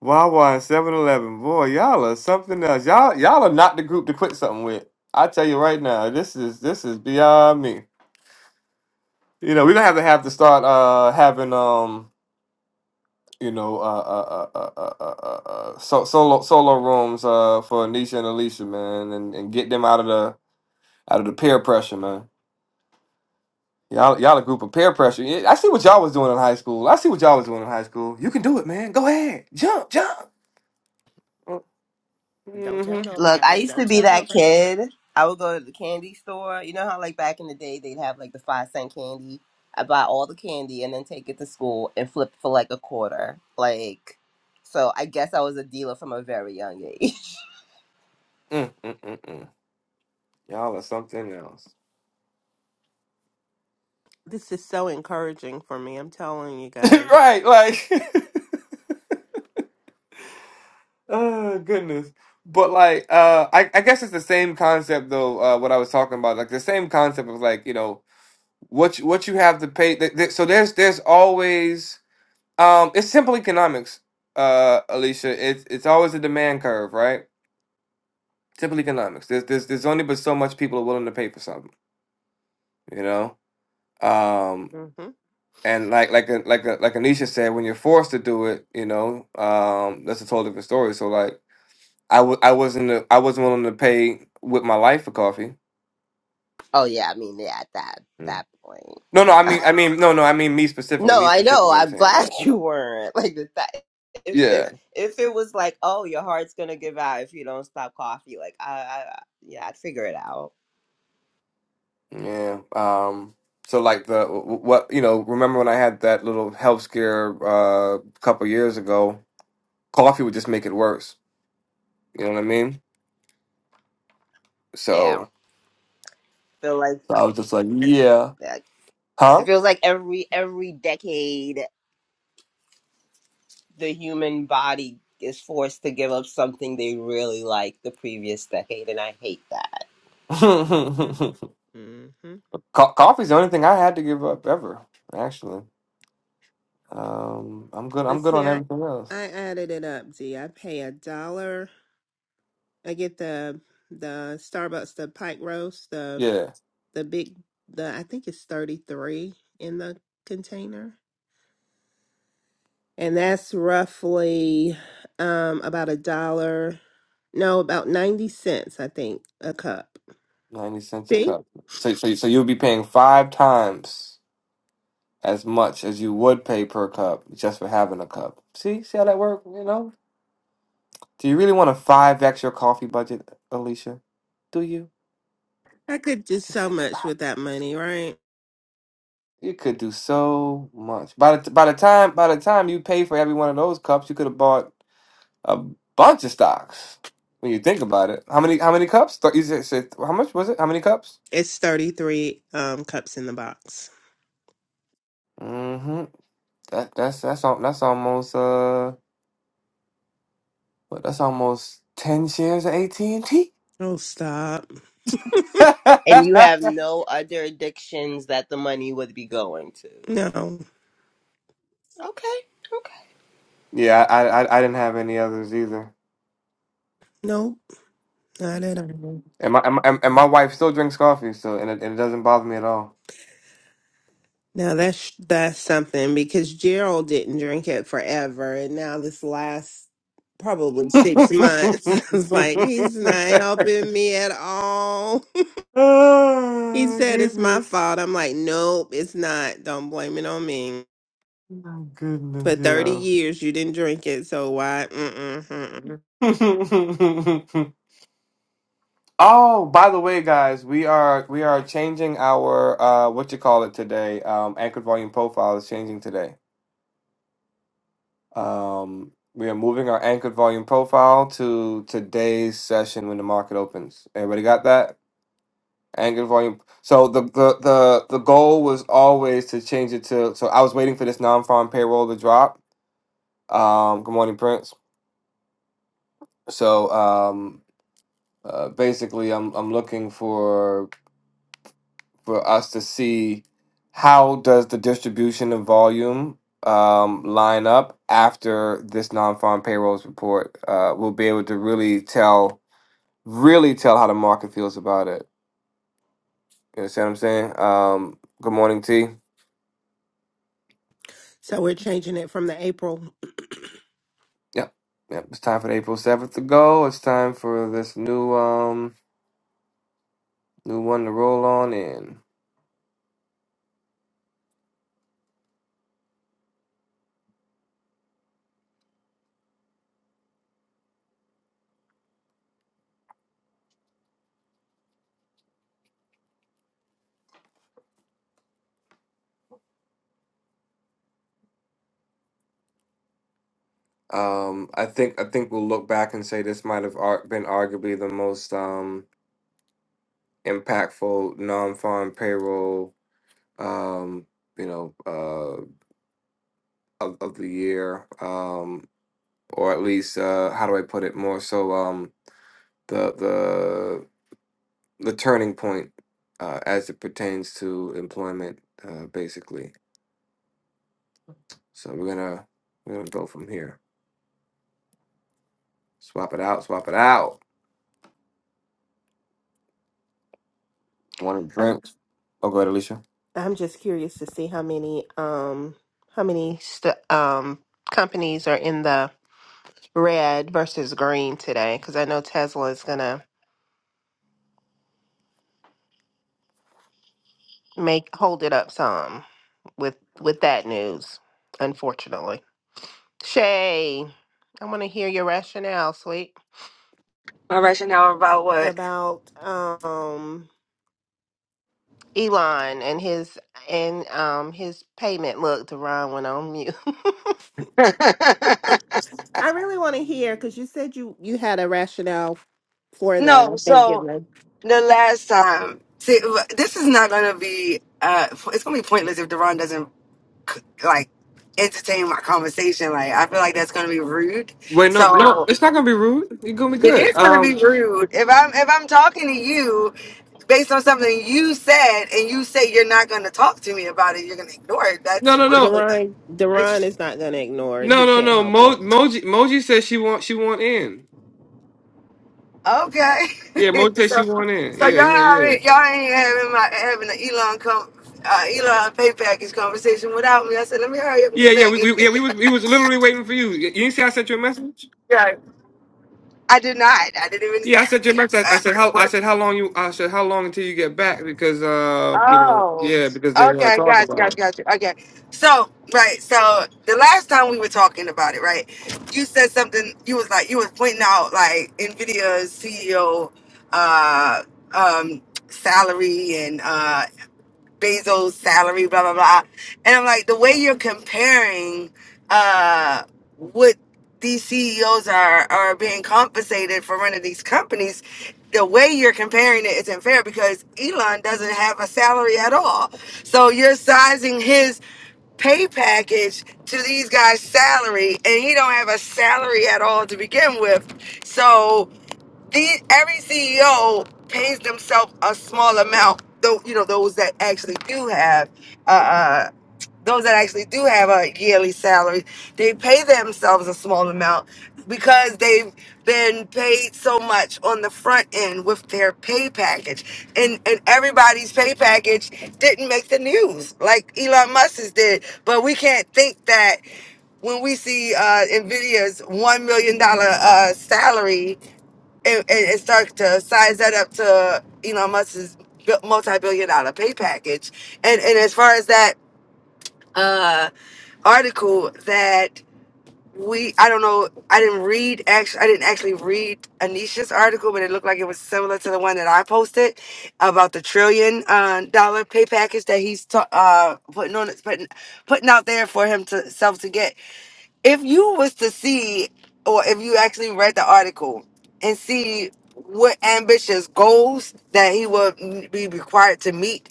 Speaker 1: Wawa and Seven Eleven? Boy, y'all are something else. Y'all y'all are not the group to quit something with. I tell you right now, this is this is beyond me. You know, we're gonna have to have to start uh having um you know uh uh uh uh uh, uh, uh uh, so, solo solo rooms uh for Anisha and Alicia man and, and get them out of the out of the peer pressure man y'all y'all a group of peer pressure Yeah, I see what y'all was doing in high school I see what y'all was doing in high school you can do it man go ahead jump jump
Speaker 3: Don't
Speaker 1: hmm
Speaker 3: tell
Speaker 5: Look, I
Speaker 3: nobody.
Speaker 5: used to
Speaker 3: Don't
Speaker 5: be
Speaker 3: tell
Speaker 5: that
Speaker 3: nobody.
Speaker 5: kid. I would go to the candy store. You know how like back in the day they'd have like the five cent candy. I buy all the candy and then take it to school and flip for like a quarter. Like, so I guess I was a dealer from a very young age.
Speaker 1: Mm, mm, mm, mm. Y'all are something else.
Speaker 6: this is so encouraging for me. I'm telling you guys.
Speaker 1: right, like oh goodness. But like uh I, I guess it's the same concept though, uh what I was talking about. Like the same concept of like, you know, what you, what you have to pay th- th- so there's there's always um it's simple economics, uh Alicia. It's it's always a demand curve, right? Simple economics. There's there's there's only but so much people are willing to pay for something, you know? Um,
Speaker 6: hmm
Speaker 1: and like like a, like a, like Anisha said, when you're forced to do it, you know, um, that's a totally different story. So like, I w- I wasn't a, I wasn't willing to pay with my life for coffee.
Speaker 5: oh yeah, I mean yeah, at that
Speaker 1: Mm.
Speaker 5: that point,
Speaker 1: No, no, I
Speaker 5: yeah.
Speaker 1: mean I mean no, no, I mean me specifically,
Speaker 5: No,
Speaker 1: me
Speaker 5: I know.
Speaker 1: specifically. I'm
Speaker 5: I'm
Speaker 1: saying
Speaker 5: glad
Speaker 1: like
Speaker 5: you weren't. Like if that, if
Speaker 1: yeah,
Speaker 5: if if it was like, oh, your heart's gonna give out if you don't stop coffee. Like I, I I- yeah, I'd figure it out.
Speaker 1: yeah. Um, so like the w- w- what you know, remember when I had that little health scare uh, a couple years ago? Coffee would just make it worse. You know what I mean?
Speaker 5: Yeah,
Speaker 1: So,
Speaker 5: feel like
Speaker 1: so I was just like, yeah,
Speaker 5: that. It
Speaker 1: huh?
Speaker 5: feels like every every decade the human body is forced to give up something they really like the previous decade, and I hate that.
Speaker 6: hmm hmm
Speaker 1: Co- coffee's the only thing I had to give up ever. Actually, um, I'm good.
Speaker 6: But
Speaker 1: I'm good
Speaker 6: see,
Speaker 1: on
Speaker 6: I,
Speaker 1: everything
Speaker 6: I
Speaker 1: else.
Speaker 6: added it up, D. I pay a dollar. I get the the Starbucks, the Pike Roast, the
Speaker 1: Yeah,
Speaker 6: the big the I think it's 33 in the container. And that's roughly um about a dollar. No, about 90 cents, I think, a cup.
Speaker 1: ninety cents a
Speaker 6: See?
Speaker 1: cup. So, so, so you'll be paying five times as much as you would pay per cup just for having a cup. See, see how that works? You know? Do you really want to five x your coffee budget, Alicia? Do you?
Speaker 6: I could do
Speaker 1: Just
Speaker 6: so
Speaker 1: think
Speaker 6: much
Speaker 1: about
Speaker 6: with that money, right?
Speaker 1: it. You could do so much. By the by the time by the time you pay for every one of those cups, you could have bought. a bunch of stocks when you think about it. How many? How many cups? Th- you said, said- how much was it? How many cups?
Speaker 6: It's 33 um cups in the box.
Speaker 1: Mm-hmm. That that's that's al- that's almost uh, what, that's almost ten shares of AT and T.
Speaker 6: Oh, stop.
Speaker 5: And you have no other addictions that the money would be going to.
Speaker 6: No.
Speaker 5: Okay. okay.
Speaker 1: Yeah, I, I I didn't have any others either.
Speaker 6: Nope. Not at all.
Speaker 1: And my and my, and my wife still drinks coffee, so and it, and it doesn't bother me at all.
Speaker 6: Now that's that's something because Gerald didn't drink it forever, and now this last probably six months, I was like, he's not helping me at all. he
Speaker 1: oh
Speaker 6: said it's my
Speaker 1: goodness!
Speaker 6: fault. I'm like, nope, it's not. Don't blame it on me.
Speaker 1: Oh
Speaker 6: For
Speaker 1: goodness,
Speaker 6: 30
Speaker 1: yo.
Speaker 6: years, you didn't drink it, so why? Mm-mm, mm-mm.
Speaker 1: Oh, by the way, guys, we are we are changing our uh what you call it today. Um anchored volume profile is changing today. Um we are moving our anchored volume profile to today's session when the market opens. Everybody got that? Anchored volume. So the the the, the goal was always to change it to so I was waiting for this non-farm payroll to drop. Um good morning, Prince. So um uh, basically I'm I'm looking for for us to see how does the distribution of volume um, line up after this non-farm payrolls report. Uh, we'll be able to really tell, really tell how the market feels about it. You understand what I'm saying? Um, good morning, T.
Speaker 6: So we're changing it from the April.
Speaker 1: Yep, yep. It's time for the April seventh to go. It's time for this new um new one to roll on in. Um, I think I think we'll look back and say this might have ar- been arguably the most um impactful non-farm payroll um, you know, uh, of, of the year, um, or at least uh, how do I put it? More so, um, the the the turning point uh, as it pertains to employment, uh, basically. So we're gonna we're gonna go from here. Swap it out. Swap it out. Want a
Speaker 6: I'm,
Speaker 1: drink? Oh, go ahead, Alicia.
Speaker 6: I'm just curious to see how many um how many st- um companies are in the red versus green today because I know Tesla is gonna make hold it up some with with that news. Unfortunately, Shay, I want to hear your rationale, sweet,
Speaker 2: My rationale about what?
Speaker 6: about um Elon and his and um his payment. Look, Deron went on mute. I really want to hear because you said you you had a rationale for that. I
Speaker 2: no.
Speaker 6: think it
Speaker 2: So.
Speaker 6: was
Speaker 2: the last time. See, this is not gonna be. Uh, it's gonna be pointless if Deron doesn't like entertain my conversation. Like, I feel like that's gonna be rude.
Speaker 1: Wait, no, no,
Speaker 2: So
Speaker 1: it's not gonna be rude. You're gonna be
Speaker 2: it
Speaker 1: good.
Speaker 2: is gonna be
Speaker 1: Um,
Speaker 2: rude if I'm if I'm talking to you based on something you said, and you say you're not gonna talk to me about it. You're gonna ignore it.
Speaker 1: no,
Speaker 2: That's
Speaker 1: no, no,
Speaker 2: rude.
Speaker 6: Deron. Deron is not gonna ignore it.
Speaker 1: no,
Speaker 6: He
Speaker 1: no,
Speaker 6: can't
Speaker 1: no.
Speaker 6: help it.
Speaker 1: Mo, Moji, Moji says she want she want in.
Speaker 2: Okay.
Speaker 1: Yeah, Moji says she
Speaker 2: so
Speaker 1: want in.
Speaker 2: so
Speaker 1: Yeah,
Speaker 2: y'all
Speaker 1: yeah, yeah.
Speaker 2: already, y'all ain't having my having an Elon come uh, Elon pay package conversation without me. I said, let me hurry up and
Speaker 1: Yeah,
Speaker 2: get
Speaker 1: yeah,
Speaker 2: back
Speaker 1: we,
Speaker 2: in.
Speaker 1: we yeah we was we was literally waiting for you. You didn't see I sent you a message?
Speaker 2: yeah. I did not. I didn't even
Speaker 1: Yeah, I sent you a message. I, I
Speaker 2: uh,
Speaker 1: said how I
Speaker 2: work.
Speaker 1: said how long you I said how long until you get back because uh you know
Speaker 2: Oh.
Speaker 1: yeah because they want to
Speaker 2: Okay,
Speaker 1: talk
Speaker 2: gotcha,
Speaker 1: about
Speaker 2: gotcha,
Speaker 1: it.
Speaker 2: gotcha. Okay. So, right, so the last time we were talking about it, right? You said something you was like you was pointing out like Nvidia's CEO uh um salary and uh Bezos' salary, blah blah blah. And I'm like, the way you're comparing uh, what these CEOs are are being compensated for running these companies, the way you're comparing it isn't fair because Elon doesn't have a salary at all. So you're sizing his pay package to these guys' salary, and he don't have a salary at all to begin with. So the every CEO pays themselves a small amount. Though you know those that actually do have, uh, uh, those that actually do have a yearly salary, they pay themselves a small amount because they've been paid so much on the front end with their pay package, and and everybody's pay package didn't make the news like Elon Musk's did. But we can't think that when we see uh, Nvidia's one million dollar uh, salary and, and, and start to size that up to Elon Musk's bi- multi-billion dollar pay package. And and as far as that uh, article that we, I don't know, I didn't read actually, I didn't actually read Anisha's article, but it looked like it was similar to the one that I posted about the trillion uh, dollar pay package that he's ta- uh, putting on, putting putting out there for himself to, self to get if you was to see or if you actually read the article and see what ambitious goals that he would be required to meet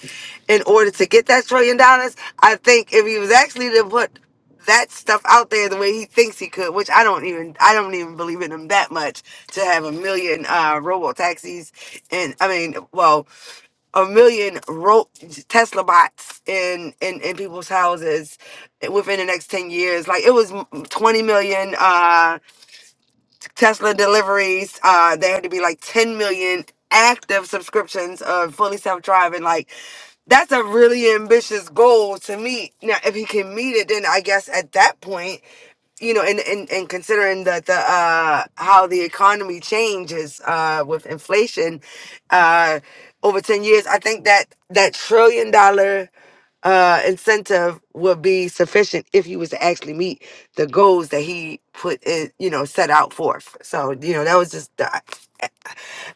Speaker 2: in order to get that trillion dollars i think if he was actually to put that stuff out there the way he thinks he could which i don't even i don't even believe in him that much to have a million uh robo taxis and i mean well a million ro- Tesla bots in, in in people's houses within the next ten years. Like it was twenty million. uh, Tesla deliveries. Uh, there had to be like 10 million active subscriptions of fully self driving. Like, that's a really ambitious goal to meet. Now, if he can meet it, then I guess at that point, you know, and and, and considering that the uh how the economy changes uh with inflation uh over 10 years, I think that that trillion dollar uh, incentive would be sufficient if he was to actually meet the goals that he put it, you know, set out forth. So, you know, that was just, the, I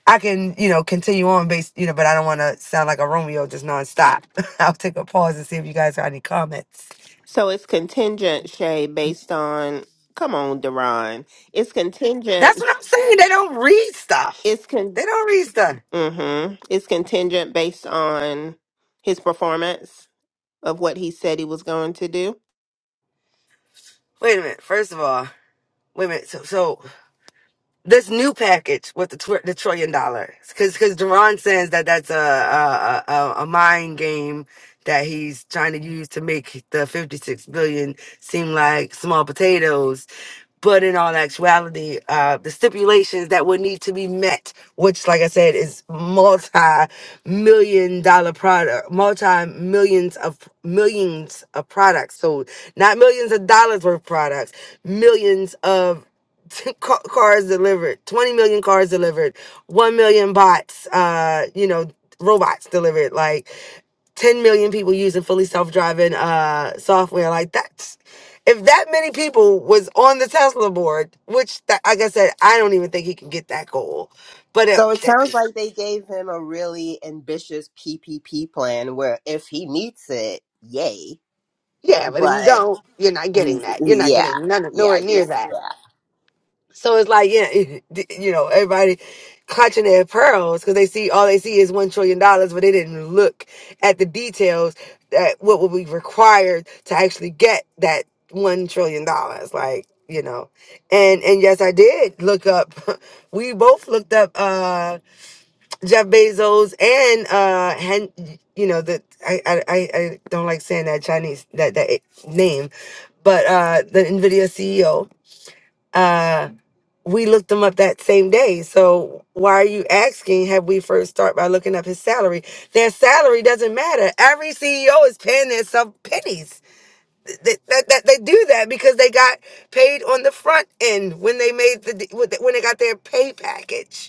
Speaker 2: I can, you know, continue on based, you know, but I don't want to sound like a Romeo just nonstop. I'll take a pause and see if you guys got any comments.
Speaker 6: So it's contingent, Shay, based on. Come on, Deron. It's
Speaker 2: That's
Speaker 6: contingent.
Speaker 2: what I'm saying. They don't read stuff.
Speaker 6: It's con.
Speaker 2: They don't read stuff.
Speaker 6: Mm-hmm. It's contingent based on his performance of what he said he was going to do.
Speaker 2: Wait a minute. First of all, wait a minute. So, so this new package with the, tw- the trillion dollars because because Duran says that that's a, a a a mind game that he's trying to use to make the 56 billion seem like small potatoes but in all actuality uh the stipulations that would need to be met which like i said is multi-million dollar product multi-millions of millions of products so not millions of dollars worth of products millions of ca- cars delivered, 20 million cars delivered, 1 million bots, uh, you know, robots delivered, like 10 million people using fully self-driving uh software. Like that's if that many people was on the Tesla board, which that, like I said, I don't even think he can get that goal. But
Speaker 5: So it sounds
Speaker 2: if
Speaker 5: like they gave him a really ambitious PPP plan where if he meets it, yay.
Speaker 2: yeah, but if you
Speaker 5: But
Speaker 2: don't, you're not getting
Speaker 5: he-
Speaker 2: that. You're not
Speaker 5: yeah,
Speaker 2: getting none
Speaker 5: yeah,
Speaker 2: nowhere
Speaker 5: I
Speaker 2: near
Speaker 5: just
Speaker 2: that.
Speaker 5: yeah.
Speaker 2: So it's like, yeah, you know, everybody clutching their pearls because they see all they see is one trillion dollars, but they didn't look at the details that what would be required to actually get that one trillion dollars. Like, you know, and and yes, I did look up. We both looked up uh Jeff Bezos and uh, Hen, you know, the I, I I I don't like saying that Chinese that that name, but uh the Nvidia CEO we looked him up that same day. So why are you asking? Have we first start by looking up his salary? Their salary doesn't matter. Every CEO is paying themselves pennies. That, that, that they do that because they got paid on the front end when they made the when they got their pay package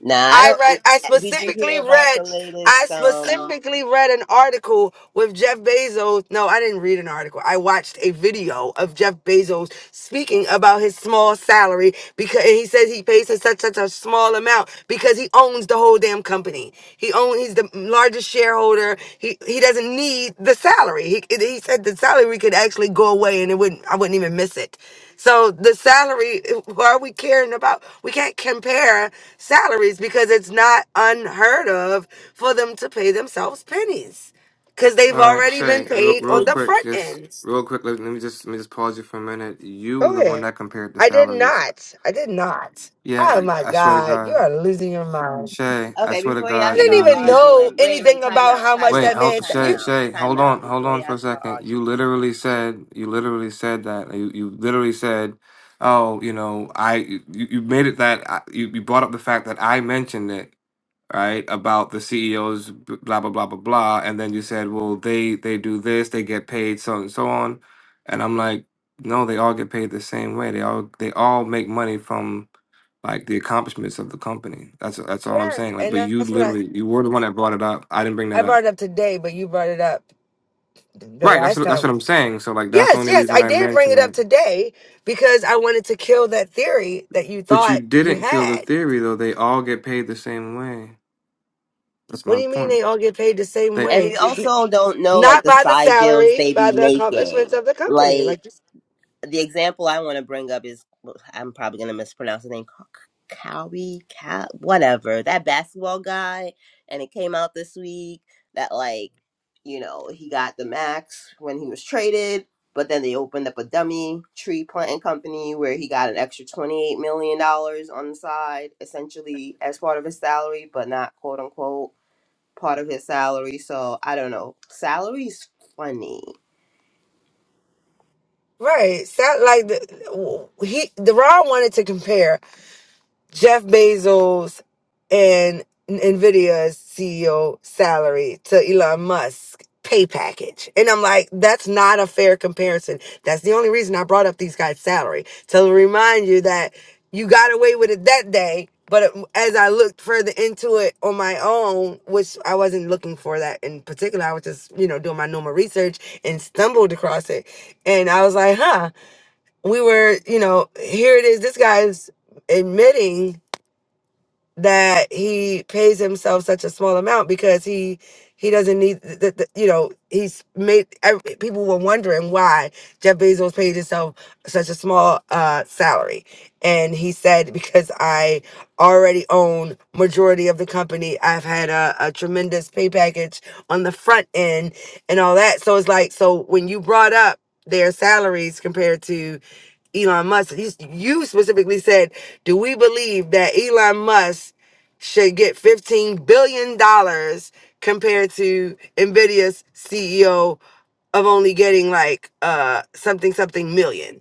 Speaker 5: Nah, I
Speaker 2: I
Speaker 5: don't. uh,
Speaker 2: read, I
Speaker 5: Did you
Speaker 2: specifically
Speaker 5: hear about
Speaker 2: read,
Speaker 5: the
Speaker 2: I
Speaker 5: latest? Um.
Speaker 2: specifically read an article with Jeff Bezos. No, I didn't read an article. I watched a video of Jeff Bezos speaking about his small salary because and he says he pays such such such a small amount because he owns the whole damn company. He owns, he's the largest shareholder. He he doesn't need the salary. He he said the salary could actually go away and it wouldn't. I wouldn't even miss it. So the salary, why are we caring about? We can't compare salaries because it's not unheard of for them to pay themselves pennies because they've
Speaker 1: All right,
Speaker 2: already been
Speaker 1: Shay, real
Speaker 2: paid
Speaker 1: real
Speaker 2: on
Speaker 5: Did,
Speaker 2: the
Speaker 1: quick,
Speaker 2: front
Speaker 1: just
Speaker 2: end.
Speaker 1: real quick. Let, let me just let me just pause you for a minute. You were
Speaker 2: Go
Speaker 1: the one
Speaker 2: ahead.
Speaker 1: that compared the
Speaker 2: I did
Speaker 1: salaries.
Speaker 2: not. I did not.
Speaker 1: Yeah,
Speaker 2: Oh my
Speaker 1: I swear to
Speaker 2: God, you
Speaker 1: God,
Speaker 2: are losing your mind.
Speaker 1: Shay, I
Speaker 5: okay,
Speaker 1: swear to
Speaker 5: before
Speaker 2: I
Speaker 1: God,
Speaker 5: y'all
Speaker 2: didn't
Speaker 5: start
Speaker 1: you
Speaker 2: even
Speaker 1: you
Speaker 2: know
Speaker 5: arguing, wait,
Speaker 2: anything
Speaker 5: wait, time
Speaker 2: about
Speaker 5: out,
Speaker 2: how much
Speaker 5: time
Speaker 2: that
Speaker 1: Wait,
Speaker 5: out,
Speaker 2: man.
Speaker 1: hold,
Speaker 2: said.
Speaker 5: time
Speaker 1: Shay,
Speaker 2: You
Speaker 5: out,
Speaker 1: Shay, hold
Speaker 5: time
Speaker 1: on,
Speaker 5: out.
Speaker 1: hold
Speaker 5: Before
Speaker 1: on for
Speaker 5: y'all
Speaker 1: a
Speaker 5: start
Speaker 1: second. You
Speaker 5: arguing,
Speaker 1: literally said, you literally said that. You, you literally said, oh, you know, I, you, you made it that I, you, you brought up the fact that I mentioned it, right, about the CEOs, b- blah blah blah blah blah, and then you said, well, they they do this, they get paid, so and so on, and I'm like, no, they all get paid the same way. They all they all make money from like the accomplishments of the company. That's that's all I'm
Speaker 2: yes,
Speaker 1: saying. Like,
Speaker 2: and
Speaker 1: but you
Speaker 2: that's what I
Speaker 1: literally, you were the one that brought it up. I didn't bring
Speaker 2: I
Speaker 1: that
Speaker 2: brought
Speaker 1: up.
Speaker 2: it up today, but you brought it up the
Speaker 1: Right, that's
Speaker 2: last
Speaker 1: what,
Speaker 2: time.
Speaker 1: that's what I'm saying. So like that's the
Speaker 2: Yes,
Speaker 1: only
Speaker 2: yes,
Speaker 1: reason
Speaker 2: I
Speaker 1: I
Speaker 2: did bring
Speaker 1: mentioned
Speaker 2: it up
Speaker 1: that.
Speaker 2: today because I wanted to kill that theory that you
Speaker 1: But you
Speaker 2: thought you
Speaker 1: didn't kill the
Speaker 2: had.
Speaker 1: theory though. They all get paid the same way. That's
Speaker 2: What do
Speaker 1: my
Speaker 2: you mean
Speaker 1: point.
Speaker 2: they all get paid the same
Speaker 1: They
Speaker 5: and
Speaker 2: way?
Speaker 5: we
Speaker 2: N-
Speaker 5: also don't know like
Speaker 2: Not
Speaker 5: the
Speaker 2: by the
Speaker 5: side deals
Speaker 2: salary,
Speaker 5: they
Speaker 2: by
Speaker 5: be
Speaker 2: the
Speaker 5: making.
Speaker 2: accomplishments of the company.
Speaker 5: Like
Speaker 2: Like,
Speaker 5: the example I want to bring up is well, I'm probably going to mispronounce the name Cowie, Cow, whatever. That basketball guy, and it came out this week that, like, you know, he got the max when he was traded, but then they opened up a dummy tree planting company where he got an extra $28 million dollars on the side, essentially as part of his salary, but not quote unquote part of his salary. So I don't know. Salary's funny.
Speaker 2: right? Sound like the, he, the Ron wanted to compare. Jeff Bezos and Nvidia's CEO salary to Elon Musk pay package. And I'm like, that's not a fair comparison. That's the only reason I brought up these guys' salary to remind you that you got away with it that day. But it- as I looked further into it on my own, which I wasn't looking for that in particular, I was just, you know, doing my normal research and stumbled across it. And I was like, huh, we were, you know, here it is. This guy's admitting that he pays himself such a small amount because he he doesn't need the, the you know he's made ev- people were wondering why Jeff Bezos paid himself such a small uh salary and he said because I already own majority of the company I've had a, a tremendous pay package on the front end and all that so it's like so when you brought up their salaries compared to Elon Musk. You, you specifically said do we believe that Elon Musk should get $15 billion dollars compared to NVIDIA's CEO of only getting like uh something something million?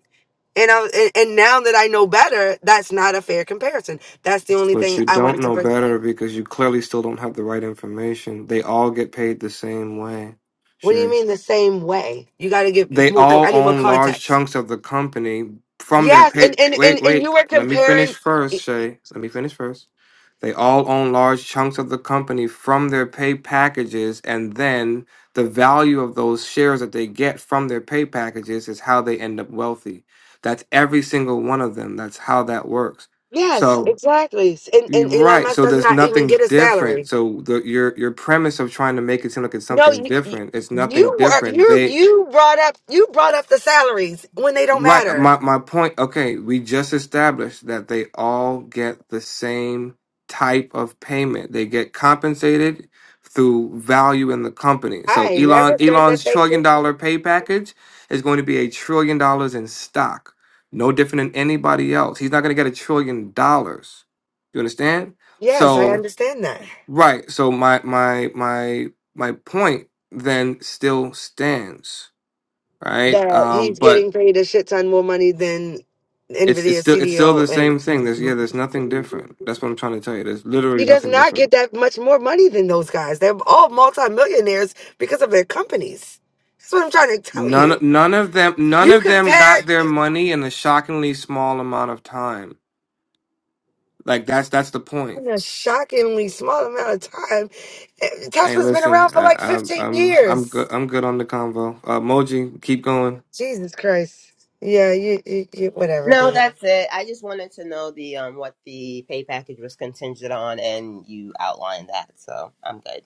Speaker 2: And, I, and and now that I know better, that's not a fair comparison. That's the only
Speaker 1: but
Speaker 2: thing
Speaker 1: you
Speaker 2: I
Speaker 1: don't
Speaker 2: wanted to
Speaker 1: know
Speaker 2: bring up.
Speaker 1: better because you clearly still don't have the right information. They all get paid the same way,
Speaker 2: What do
Speaker 1: Shay.
Speaker 2: you mean the same way? You got to give.
Speaker 1: They
Speaker 2: More, more-
Speaker 1: all
Speaker 2: I need more
Speaker 1: own large
Speaker 2: context.
Speaker 1: chunks of the company from their
Speaker 2: Yes,
Speaker 1: pay.
Speaker 2: and and and,
Speaker 1: Wait,
Speaker 2: and you
Speaker 1: wait.
Speaker 2: were
Speaker 1: Let me finish
Speaker 2: comparing. e,
Speaker 1: first, Shay. Let me finish first. They all own large chunks of the company from their pay packages, and then the value of those shares that they get from their pay packages is how they end up wealthy. That's every single one of them. That's how that works.
Speaker 2: Yes,
Speaker 1: So
Speaker 2: exactly. And
Speaker 1: you're
Speaker 2: and Elon
Speaker 1: right.
Speaker 2: Musk
Speaker 1: So
Speaker 2: does
Speaker 1: there's
Speaker 2: not even get
Speaker 1: nothing
Speaker 2: a salary.
Speaker 1: different. So the, your your premise of trying to make it seem like it's
Speaker 2: No,
Speaker 1: something
Speaker 2: you, you
Speaker 1: different, it's nothing
Speaker 2: you were
Speaker 1: different.
Speaker 2: you
Speaker 1: They
Speaker 2: you brought up you brought up the salaries when they don't
Speaker 1: Right.
Speaker 2: matter.
Speaker 1: My my point. Okay, we just established that they all get the same type of payment. They get compensated through value in the company.
Speaker 2: I
Speaker 1: So
Speaker 2: ain't
Speaker 1: Elon
Speaker 2: never said that
Speaker 1: Elon's
Speaker 2: they
Speaker 1: trillion
Speaker 2: didn't.
Speaker 1: dollar pay package is going to be a trillion dollars in stock. No different than anybody else. He's not going to get a trillion dollars. You understand?
Speaker 2: Yes, I
Speaker 1: So
Speaker 2: understand that.
Speaker 1: right. So my my my my point then still stands. Right.
Speaker 2: That
Speaker 1: Um.
Speaker 2: he's
Speaker 1: But
Speaker 2: getting paid a shit ton more money than
Speaker 1: It's it's
Speaker 2: Nvidia
Speaker 1: still it's still the
Speaker 2: CDO, and
Speaker 1: same thing. There's yeah, there's nothing different. That's what I'm trying to tell you. There's
Speaker 2: he
Speaker 1: literally
Speaker 2: does
Speaker 1: nothing
Speaker 2: not
Speaker 1: different.
Speaker 2: get that much more money than those guys. They're all multimillionaires because of their companies. That's what I'm trying to tell
Speaker 1: None
Speaker 2: you.
Speaker 1: none of them none
Speaker 2: You
Speaker 1: of them got
Speaker 2: compare.
Speaker 1: their money in a shockingly small amount of time. Like that's that's the point.
Speaker 2: in a shockingly small amount of time. Eh,
Speaker 1: Hey,
Speaker 2: Tesla's been around
Speaker 1: listen,
Speaker 2: for
Speaker 1: I,
Speaker 2: like
Speaker 1: I,
Speaker 2: 15
Speaker 1: I'm I'm good.
Speaker 2: years.
Speaker 1: I'm good on the convo. Uh, Moji, keep going.
Speaker 2: Jesus Christ. Yeah, you, you, you whatever,
Speaker 5: No,
Speaker 2: dude.
Speaker 5: that's it. I just wanted to know the um what the pay package was contingent on, and you outlined that, so I'm good.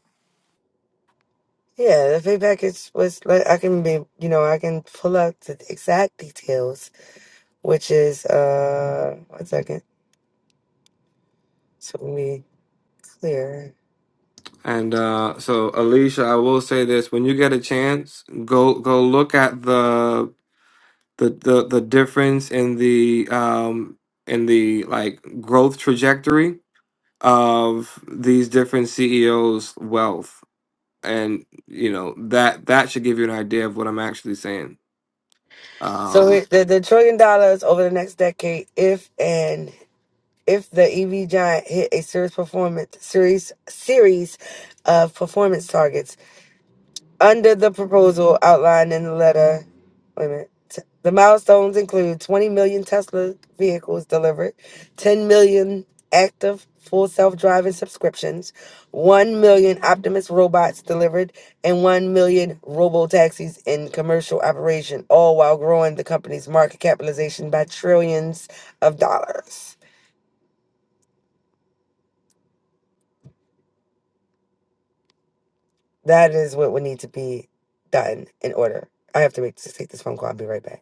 Speaker 2: Yeah, the feedback is was like I can be, you know, I can pull up the exact details, which is uh one second, so we be clear.
Speaker 1: And uh, so, Alicia, I will say this: when you get a chance, go go look at the the the, the difference in the um in the like growth trajectory of these different CEOs' wealth, and you know that that should give you an idea of what I'm actually saying.
Speaker 2: So
Speaker 1: Um,
Speaker 2: it, the the trillion dollars over the next decade, if and if the EV giant hit a serious performance series series of performance targets, Under the proposal outlined in the letter, wait a minute. t- The milestones include 20 million Tesla vehicles delivered, 10 million active full self-driving subscriptions, 1 million Optimus robots delivered, and 1 million robo-taxis in commercial operation, all while growing the company's market capitalization by trillions of dollars. That is what would need to be done in order. I have to make just take this phone call. I'll be right back.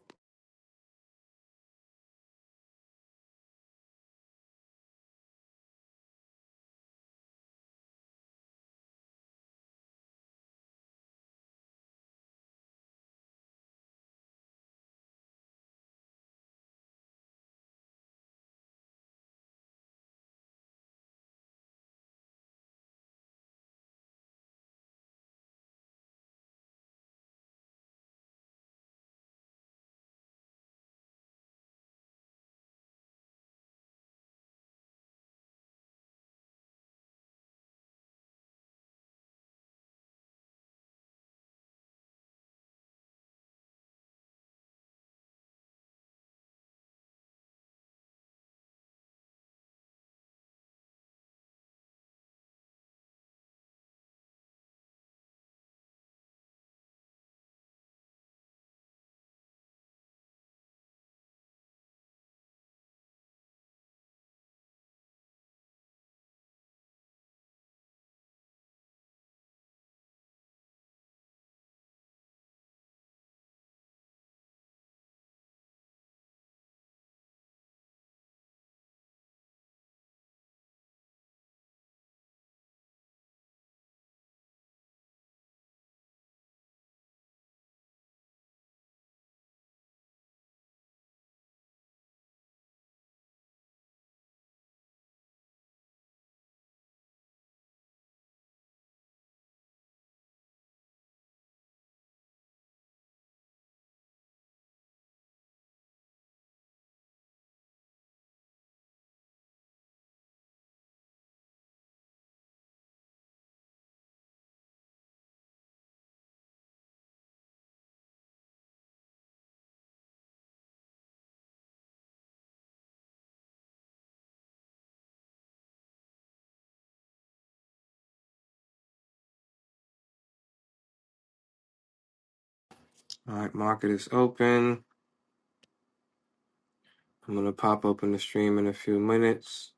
Speaker 1: all right, market is open. I'm gonna pop open the stream in a few minutes.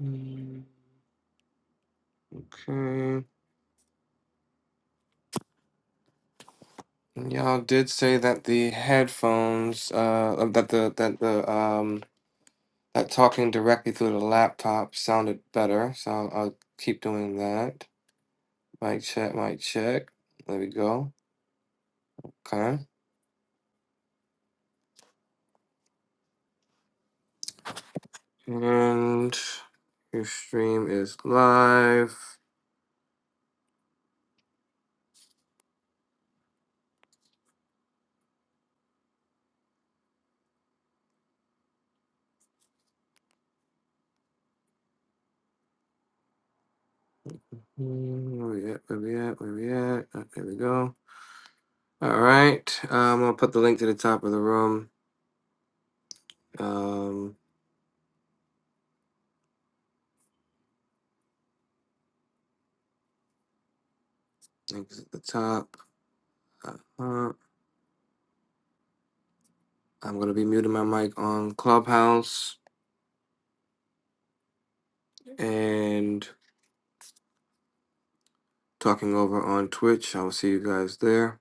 Speaker 1: Mm, Okay, And y'all did say that the headphones, uh, uh, that the that the um that talking directly through the laptop sounded better, so I'll, I'll keep doing that. Mic check, mic check. There we go. Okay. And your stream is live. Mm, Where we at? Where we at? Where we at? Uh, there we go. All right. Um, I'll put the link to the top of the room. Um, link is at the top. Uh, I'm gonna be muting my mic on Clubhouse and talking over on Twitch. I will see you guys there.